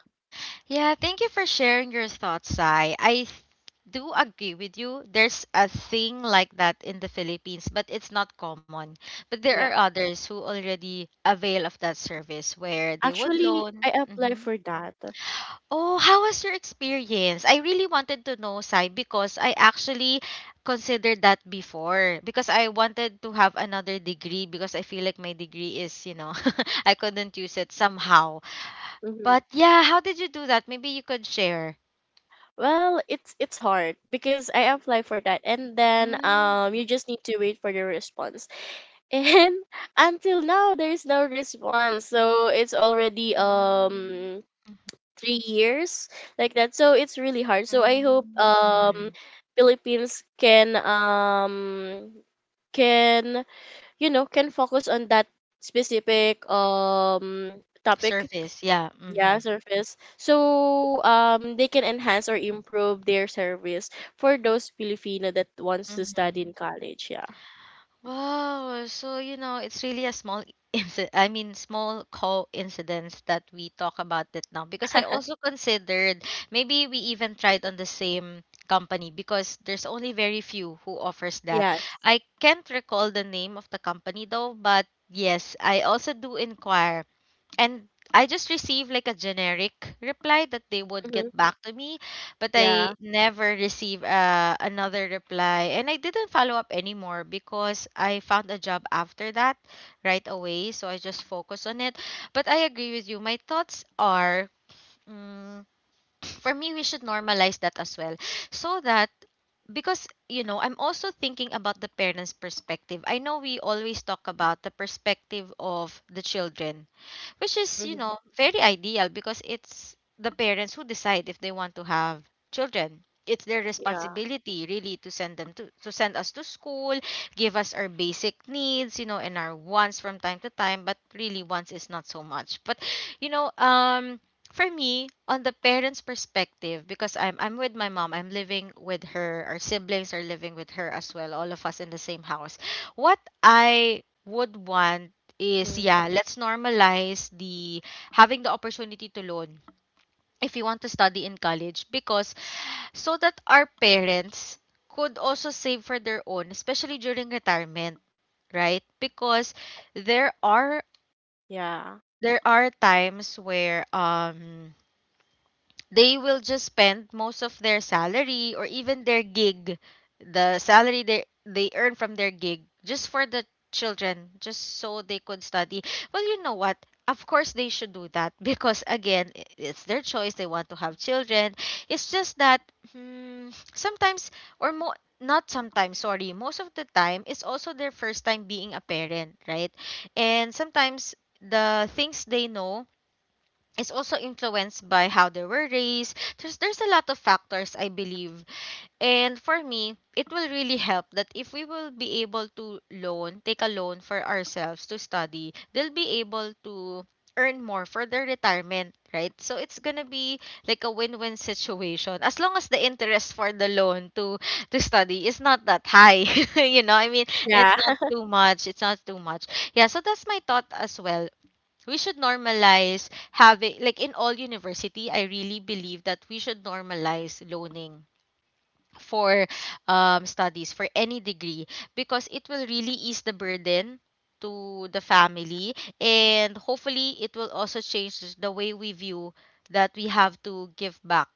Speaker 1: Yeah, thank you for sharing your thoughts, Sai. I th- do agree with you. There's a thing like that in the Philippines, but it's not common. But there are
Speaker 2: Yeah,
Speaker 1: others who already avail of that service where they would
Speaker 2: actually
Speaker 1: loan.
Speaker 2: I apply
Speaker 1: Mhm.
Speaker 2: for that.
Speaker 1: Oh, how was your experience? I really wanted to know, Sai, because I actually considered that before because I wanted to have another degree because I feel like my degree is, you know, I couldn't use it somehow.
Speaker 2: Mm-hmm.
Speaker 1: But yeah, how did you do that? Maybe you could share.
Speaker 2: Well, it's it's hard because I apply for that and then
Speaker 1: Hmm.
Speaker 2: um you just need to wait for the response. And until now there's no response. So it's already
Speaker 1: Oh.
Speaker 2: um three years like that. So it's really hard. So I hope
Speaker 1: Mm, mhm.
Speaker 2: um Philippines can um can you know, can focus on that specific um topic.
Speaker 1: Service, yeah. Mm-hmm.
Speaker 2: Yeah, service. So um they can enhance or improve their service for those Filipino that wants to study in
Speaker 1: Mm-hmm.
Speaker 2: college. Yeah.
Speaker 1: Wow. So, you know, it's really a small incident. I mean, small coincidence that we talk about it now because I also considered, maybe we even tried on the same company because there's only very few who offers that.
Speaker 2: Yes.
Speaker 1: I can't recall the name of the company though, but yes, I also do inquire, and I just received like a generic reply that they would
Speaker 2: Mm-hmm.
Speaker 1: get back to me, but I
Speaker 2: Yeah.
Speaker 1: never received uh, another reply. And I didn't follow up anymore because I found a job after that right away. So I just focused on it. But I agree with you. My thoughts are mm, for me, we should normalize that as well, so that, because you know I'm also thinking about the parents' perspective. I know we always talk about the perspective of the children, which is you
Speaker 2: Mm-hmm.
Speaker 1: know very ideal, because it's the parents who decide if they want to have children. It's their
Speaker 2: Yeah.
Speaker 1: responsibility really to send them to to send us to school, give us our basic needs, you know and our wants from time to time, but really wants is not so much. But you know um for me, on the parents' perspective, because i'm i'm with my mom, I'm living with her, our siblings are living with her as well, all of us in the same house. What I would want is,
Speaker 2: Mm-hmm.
Speaker 1: yeah, let's normalize the having the opportunity to loan if you want to study in college, because, so that our parents could also save for their own, especially during retirement, right? Because there are
Speaker 2: Yeah.
Speaker 1: there are times where um they will just spend most of their salary, or even their gig, the salary they they earn from their gig, just for the children, just so they could study. Well, you know what? Of course they should do that, because, again, i- it's their choice. They want to have children. It's just that hmm, sometimes, or mo- not sometimes, sorry, most of the time, it's also their first time being a parent, right? And sometimes the things they know is also influenced by how they were raised. There's there's a lot of factors, I believe. And for me, it will really help that if we will be able to loan, take a loan for ourselves to study, they'll be able to earn more for their retirement, right? So it's gonna be like a win-win situation, as long as the interest for the loan to to study is not that high. you know, I mean, it's
Speaker 2: Yeah.
Speaker 1: not too much. It's not too much. Yeah, so that's my thought as well. We should normalize having, like, in all university. I really believe that we should normalize loaning for um, studies for any degree, because it will really ease the burden to the family. And hopefully it will also change the way we view that we have to give back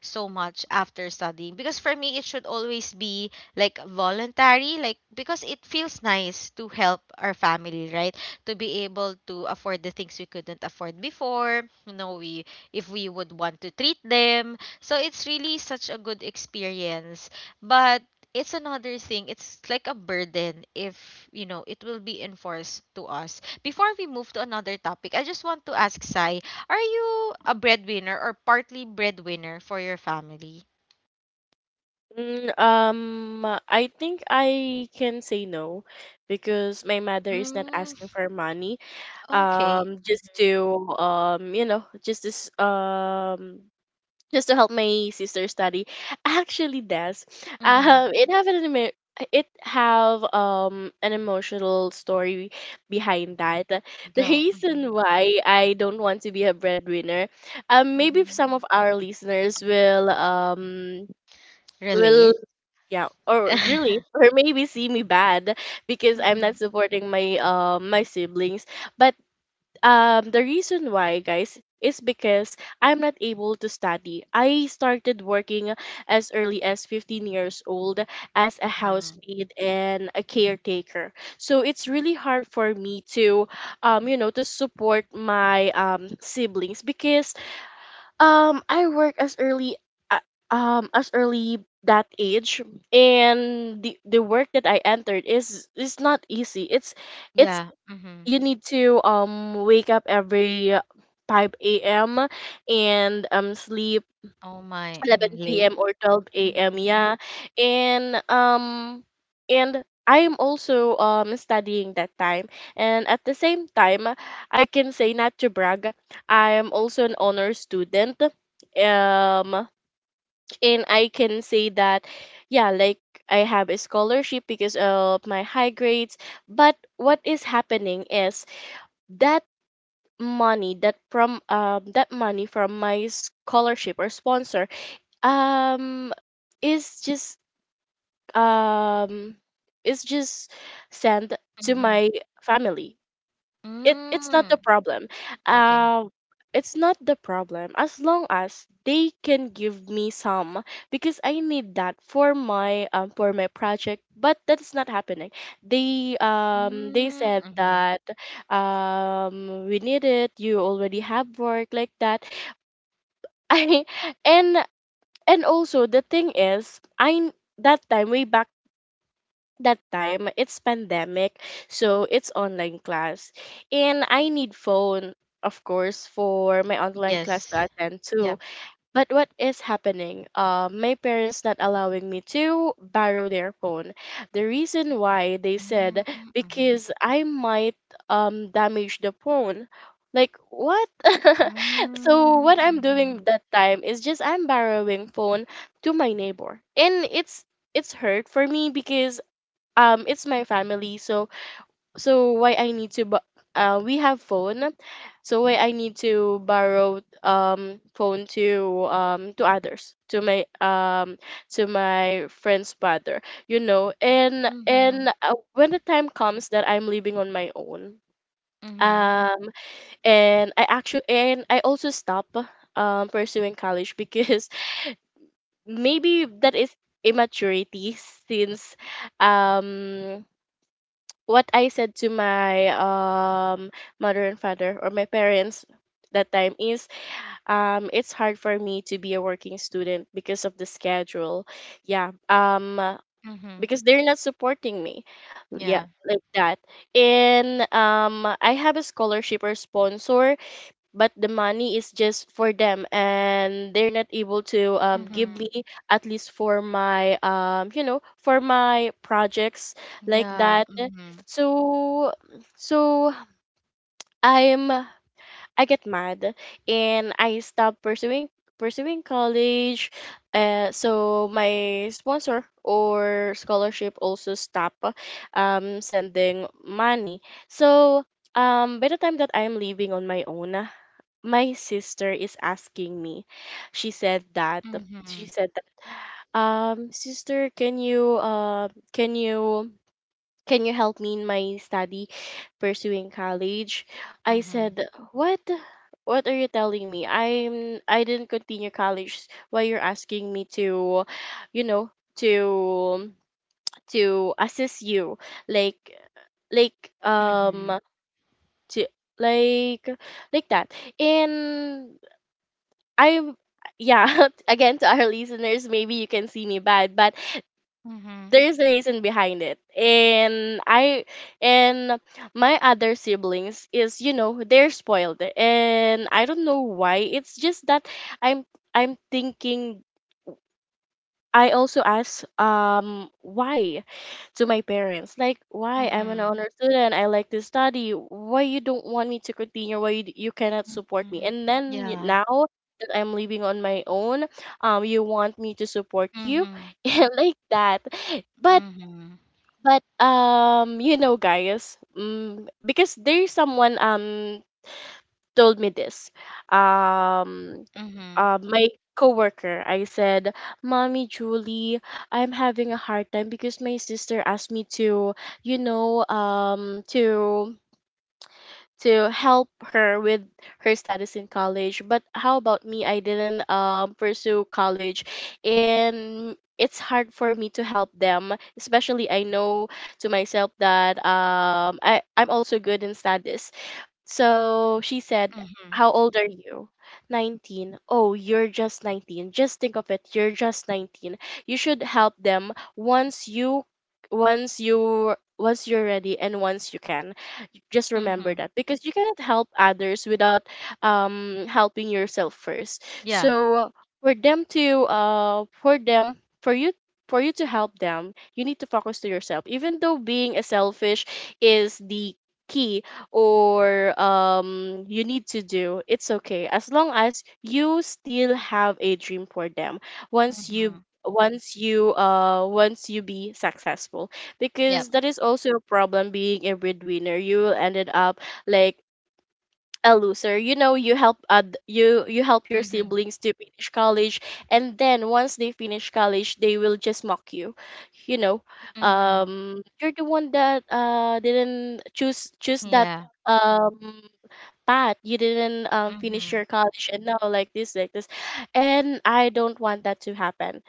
Speaker 1: so much after studying, because for me it should always be like voluntary, like, because it feels nice to help our family, right? To be able to afford the things we couldn't afford before, you know we, if we would want to treat them, so it's really such a good experience. But it's another thing. It's like a burden if, you know, it will be enforced to us. Before we move to another topic, I just want to ask Sai, are you a breadwinner or partly breadwinner for your family?
Speaker 2: Mm, um, I think I can say no, because my mother is not
Speaker 1: Mm,
Speaker 2: asking for money.
Speaker 1: okay.
Speaker 2: Um, just to, um, you know, just this um just to help my sister study. Actually, does
Speaker 1: Mm-hmm.
Speaker 2: um it have an emo- it have um an emotional story behind that, the
Speaker 1: Go.
Speaker 2: reason
Speaker 1: Mm-hmm.
Speaker 2: why I don't want to be a breadwinner. Um maybe if
Speaker 1: Mm-hmm.
Speaker 2: some of our listeners will, um will
Speaker 1: Relate?
Speaker 2: yeah, or really, or maybe see me bad because I'm not
Speaker 1: Mm-hmm.
Speaker 2: supporting my, um my siblings. But um the reason why, guys, is because I'm not able to study. I started working as early as fifteen years old, as a
Speaker 1: Mm-hmm.
Speaker 2: housemaid and a caretaker. So it's really hard for me to, um you know, to support my um siblings, because um I work as early, a- um as early that age, and the the work that I entered is is not easy. It's it's
Speaker 1: Yeah. Mm-hmm.
Speaker 2: you need to um wake up every five a m and um sleep
Speaker 1: Oh my. Mm-hmm.
Speaker 2: eleven p m
Speaker 1: Late?
Speaker 2: or twelve a m.
Speaker 1: Mm-hmm.
Speaker 2: Yeah, and um and I am also um studying that time, and at the same time, I can say, not to brag, I am also an honor student. Um, and I can say that, yeah, like, I have a scholarship because of my high grades. But what is happening is that money that from um that money from my scholarship or sponsor um is just um is just sent to
Speaker 1: Mm-hmm.
Speaker 2: my family. It it's not the
Speaker 1: Mm.
Speaker 2: problem.
Speaker 1: Okay.
Speaker 2: Um it's not the problem, as long as they can give me some, because I need that for my um for my project. But that's not happening. They um they
Speaker 1: Mm,
Speaker 2: said
Speaker 1: mhm.
Speaker 2: that, um we need it, you already have work, like that. I and and also, the thing is, I, that time, way back that time, it's pandemic. So it's online class, and I need phone, of course, for my online class to
Speaker 1: Yes.
Speaker 2: attend to.
Speaker 1: Yep.
Speaker 2: But what is happening, uh, my parents not allowing me to borrow their phone. The reason why, they said,
Speaker 1: Mm, mhm.
Speaker 2: because I might, um damage the phone. Like, what? So what
Speaker 1: Mm,
Speaker 2: I'm
Speaker 1: mhm.
Speaker 2: doing that time is just I'm borrowing phone to my neighbor. And it's it's hurt for me, because um it's my family, so so why I need to, bu- uh we have phone, so why I need to borrow, um phone to, um to others, to my, um to my friend's father, you know? and and
Speaker 1: Mhm.
Speaker 2: uh, when the time comes that I'm living on my own,
Speaker 1: Mhm.
Speaker 2: um and I actually, and I also stop um pursuing college, because maybe that is immaturity, since um what I said to my, um mother and father, or my parents, that time is, um it's hard for me to be a working student because of the schedule. Yeah. Um uh,
Speaker 1: Mhm.
Speaker 2: because they're not supporting me. Yeah,
Speaker 1: Yeah.
Speaker 2: like that. And um I have a scholarship or sponsor, but the money is just for them and they're not able to um, give
Speaker 1: Mhm.
Speaker 2: me at least for my um, you know for my projects like
Speaker 1: Yeah.
Speaker 2: that.
Speaker 1: Mhm.
Speaker 2: So so i'm I get mad and I stop pursuing pursuing college. Uh, so my sponsor or scholarship also stop um, sending money. So um, by the time that I'm leaving on my own, my sister is asking me. She said that she
Speaker 1: Mhm.
Speaker 2: said that, um "Sister, can you uh can you can you help me in my study pursuing college?" I
Speaker 1: Mhm.
Speaker 2: said, "What? What are you telling me? I'm I didn't continue college. Why you're asking me to, you know, to to assist you like like um
Speaker 1: Mhm.
Speaker 2: to like like that?" And I'm yeah, again to our listeners, maybe you can see me bad, but
Speaker 1: Mhm.
Speaker 2: there is a reason behind it. And I and my other siblings is, you know, they're spoiled. And I don't know why. It's just that I'm I'm thinking. I also asked um why, to my parents, like, "Why? I'm an
Speaker 1: Mhm.
Speaker 2: honor student. I like to study. Why you don't want me to continue? Why you, you cannot support me?
Speaker 1: Mhm.
Speaker 2: And then y-
Speaker 1: Yeah.
Speaker 2: now that I'm living on my own, um you want me to support you?"
Speaker 1: Mhm.
Speaker 2: And like that. but
Speaker 1: Mhm.
Speaker 2: but um you know, guys, mm because there's someone um told me this. Um,
Speaker 1: Mhm.
Speaker 2: uh, my coworker. I said, "Mommy Julie, I'm having a hard time because my sister asked me to, you know, um, to." to help her with her status in college. But how about me? I didn't um, pursue college, and it's hard for me to help them, especially I know to myself that um, I, I'm also good in studies." So she said,
Speaker 1: Mhm.
Speaker 2: "How old are you?" "nineteen" "Oh, you're just nineteen. Just think of it. You're just nineteen. You should help them once you once you once you're ready and once you can. Just remember
Speaker 1: Mhm.
Speaker 2: that, because you cannot help others without um helping yourself first.
Speaker 1: Yeah.
Speaker 2: So for them to uh for them for you, for you to help them, you need to focus to yourself. Even though being a selfish is the key, or um you need to do, it's okay, as long as you still have a dream for them once you
Speaker 1: Mhm.
Speaker 2: once you uh once you be successful.
Speaker 1: Yep.
Speaker 2: Because that is also a problem, being a breadwinner: you will ended up like a loser, you know. You help ad- you you help your
Speaker 1: Mhm.
Speaker 2: siblings to finish college, and then once they finish college, they will just mock you, you know.
Speaker 1: Mhm.
Speaker 2: Um you're the one that uh didn't choose choose that
Speaker 1: Yeah.
Speaker 2: um path. You didn't um, finish
Speaker 1: Mhm.
Speaker 2: your college, and now like this like this and I don't want that to happen.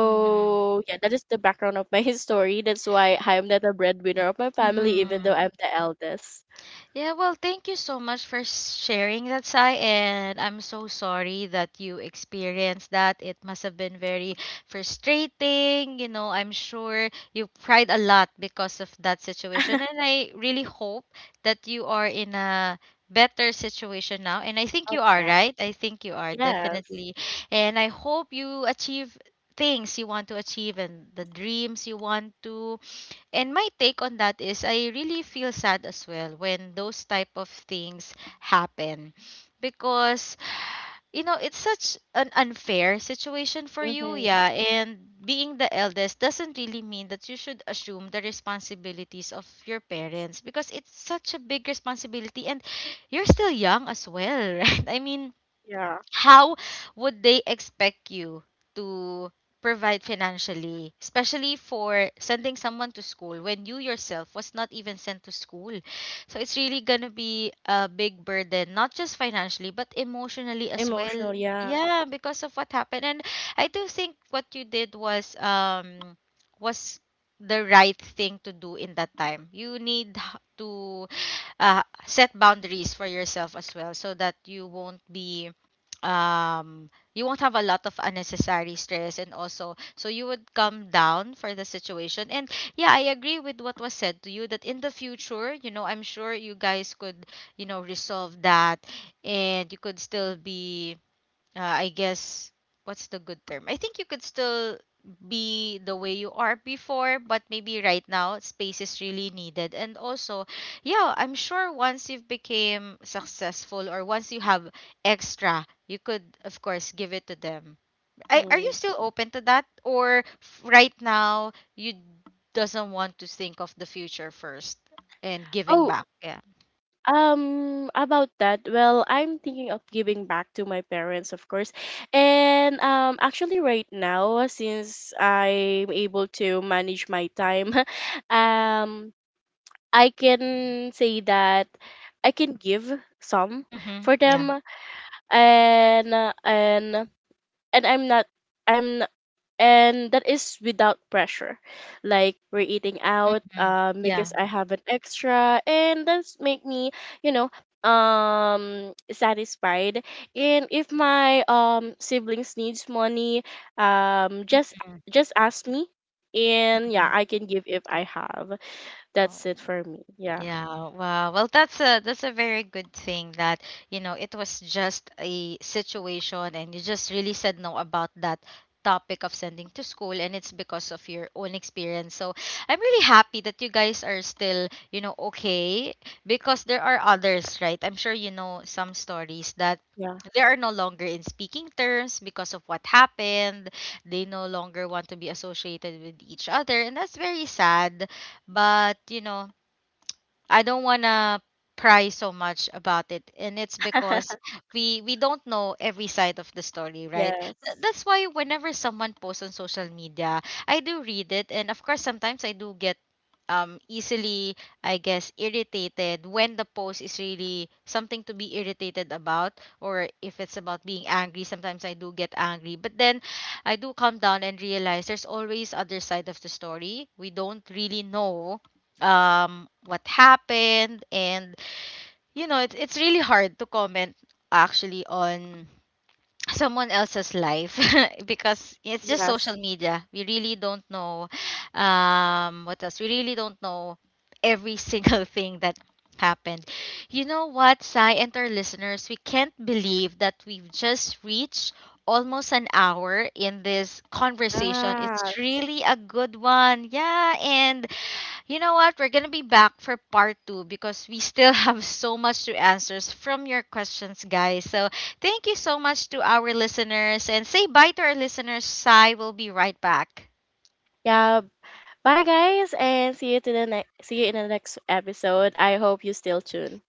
Speaker 1: Mhm.
Speaker 2: yeah, that is the background of my story. That's why I'm not a breadwinner of my family, even though
Speaker 1: Mhm.
Speaker 2: I'm the eldest.
Speaker 1: Yeah, well, thank you so much for sharing that, Sai, and I'm so sorry that you experienced that. It must have been very frustrating. You know, I'm sure you cried a lot because of that situation, and I really hope that you are in a better situation now. And I think
Speaker 2: Oh
Speaker 1: you are,
Speaker 2: yeah.
Speaker 1: right? I think you are,
Speaker 2: Yes.
Speaker 1: definitely. And I hope you achieve things you want to achieve and the dreams you want to. And my take on that is, I really feel sad as well when those type of things happen because you know it's such an unfair situation for you,
Speaker 2: Mm-hmm.
Speaker 1: yeah, and being the eldest doesn't really mean that you should assume the responsibilities of your parents, because it's such a big responsibility, and you're still young as well. Right, I mean,
Speaker 2: Yeah,
Speaker 1: how would they expect you to provide financially, especially for sending someone to school, when you yourself was not even sent to school? So it's really gonna be a big burden, not just financially but emotionally as well,
Speaker 2: emotional, yeah.
Speaker 1: yeah, because of what happened. And I do think what you did was um was the right thing to do. In that time, you need h- to uh, set boundaries for yourself as well, so that you won't be, um you won't have a lot of unnecessary stress, and also so you would come down for the situation. And yeah, I agree with what was said to you, that in the future, you know I'm sure you guys could you know resolve that, and you could still be, uh, I guess, what's the good term? I think you could still be the way you are before, but maybe right now space is really needed. And also, yeah, I'm sure once you've became successful or once you have extra, you could of course give it to them. I, are you
Speaker 2: Mm.
Speaker 1: still open to that, or f- right now you doesn't want to think of the future first and giving
Speaker 2: Oh.
Speaker 1: back? Yeah.
Speaker 2: Um, about that, well, I'm thinking of giving back to my parents, of course. And um, actually, right now, since I'm able to manage my time, um, I can say that I can give some
Speaker 1: Mhm.
Speaker 2: for
Speaker 1: Yeah.
Speaker 2: them, and uh, and and I'm not. I'm and that is without pressure. Like, we're eating out
Speaker 1: Mm.
Speaker 2: um
Speaker 1: Yeah.
Speaker 2: because I have an extra, and that's make me, you know, um satisfied. And if my um siblings needs money, um just
Speaker 1: Mhm.
Speaker 2: just ask me, and yeah,
Speaker 1: Mhm.
Speaker 2: I can give if
Speaker 1: Yeah.
Speaker 2: I have.
Speaker 1: Oh.
Speaker 2: That's it for me. Yeah,
Speaker 1: Yeah, wow. Well, that's a that's a very good thing that, you know, it was just a situation and you just really said no about that topic of sending to school, and it's because of your own experience. So, I'm really happy that you guys are still, you know, okay, because there are others, right? I'm sure you know some stories that
Speaker 2: yeah,
Speaker 1: they are no longer in speaking terms because of what happened. They no longer want to be associated with each other, and that's very sad. But, you know, I don't wanna pry so much about it, and it's because we we don't know every side of the story, right? Th-
Speaker 2: yes,
Speaker 1: that's why whenever someone posts on social media, I do read it, and of course sometimes I do get, um easily, I guess, irritated, when the post is really something to be irritated about, or if it's about being angry. Sometimes I do get angry, but then I do calm down and realize there's always other side of the story. We don't really know um what happened. And you know it's it's really hard to comment, actually, on someone else's life, because it's just social
Speaker 2: yes,
Speaker 1: media. We really don't know um what else, we really don't know every single thing that happened. You know what, Sai and our listeners, we can't believe that we've just reached almost an hour in this conversation.
Speaker 2: ah,
Speaker 1: It's really a good one, yeah. And you know what? We're going to be back for part two, because we still have so much to answer from your questions, guys. So thank you so much to our listeners, and say bye to our listeners. Sai will be right back.
Speaker 2: yeah. Bye guys, and see you to the next see you in the next episode. I hope you still tune.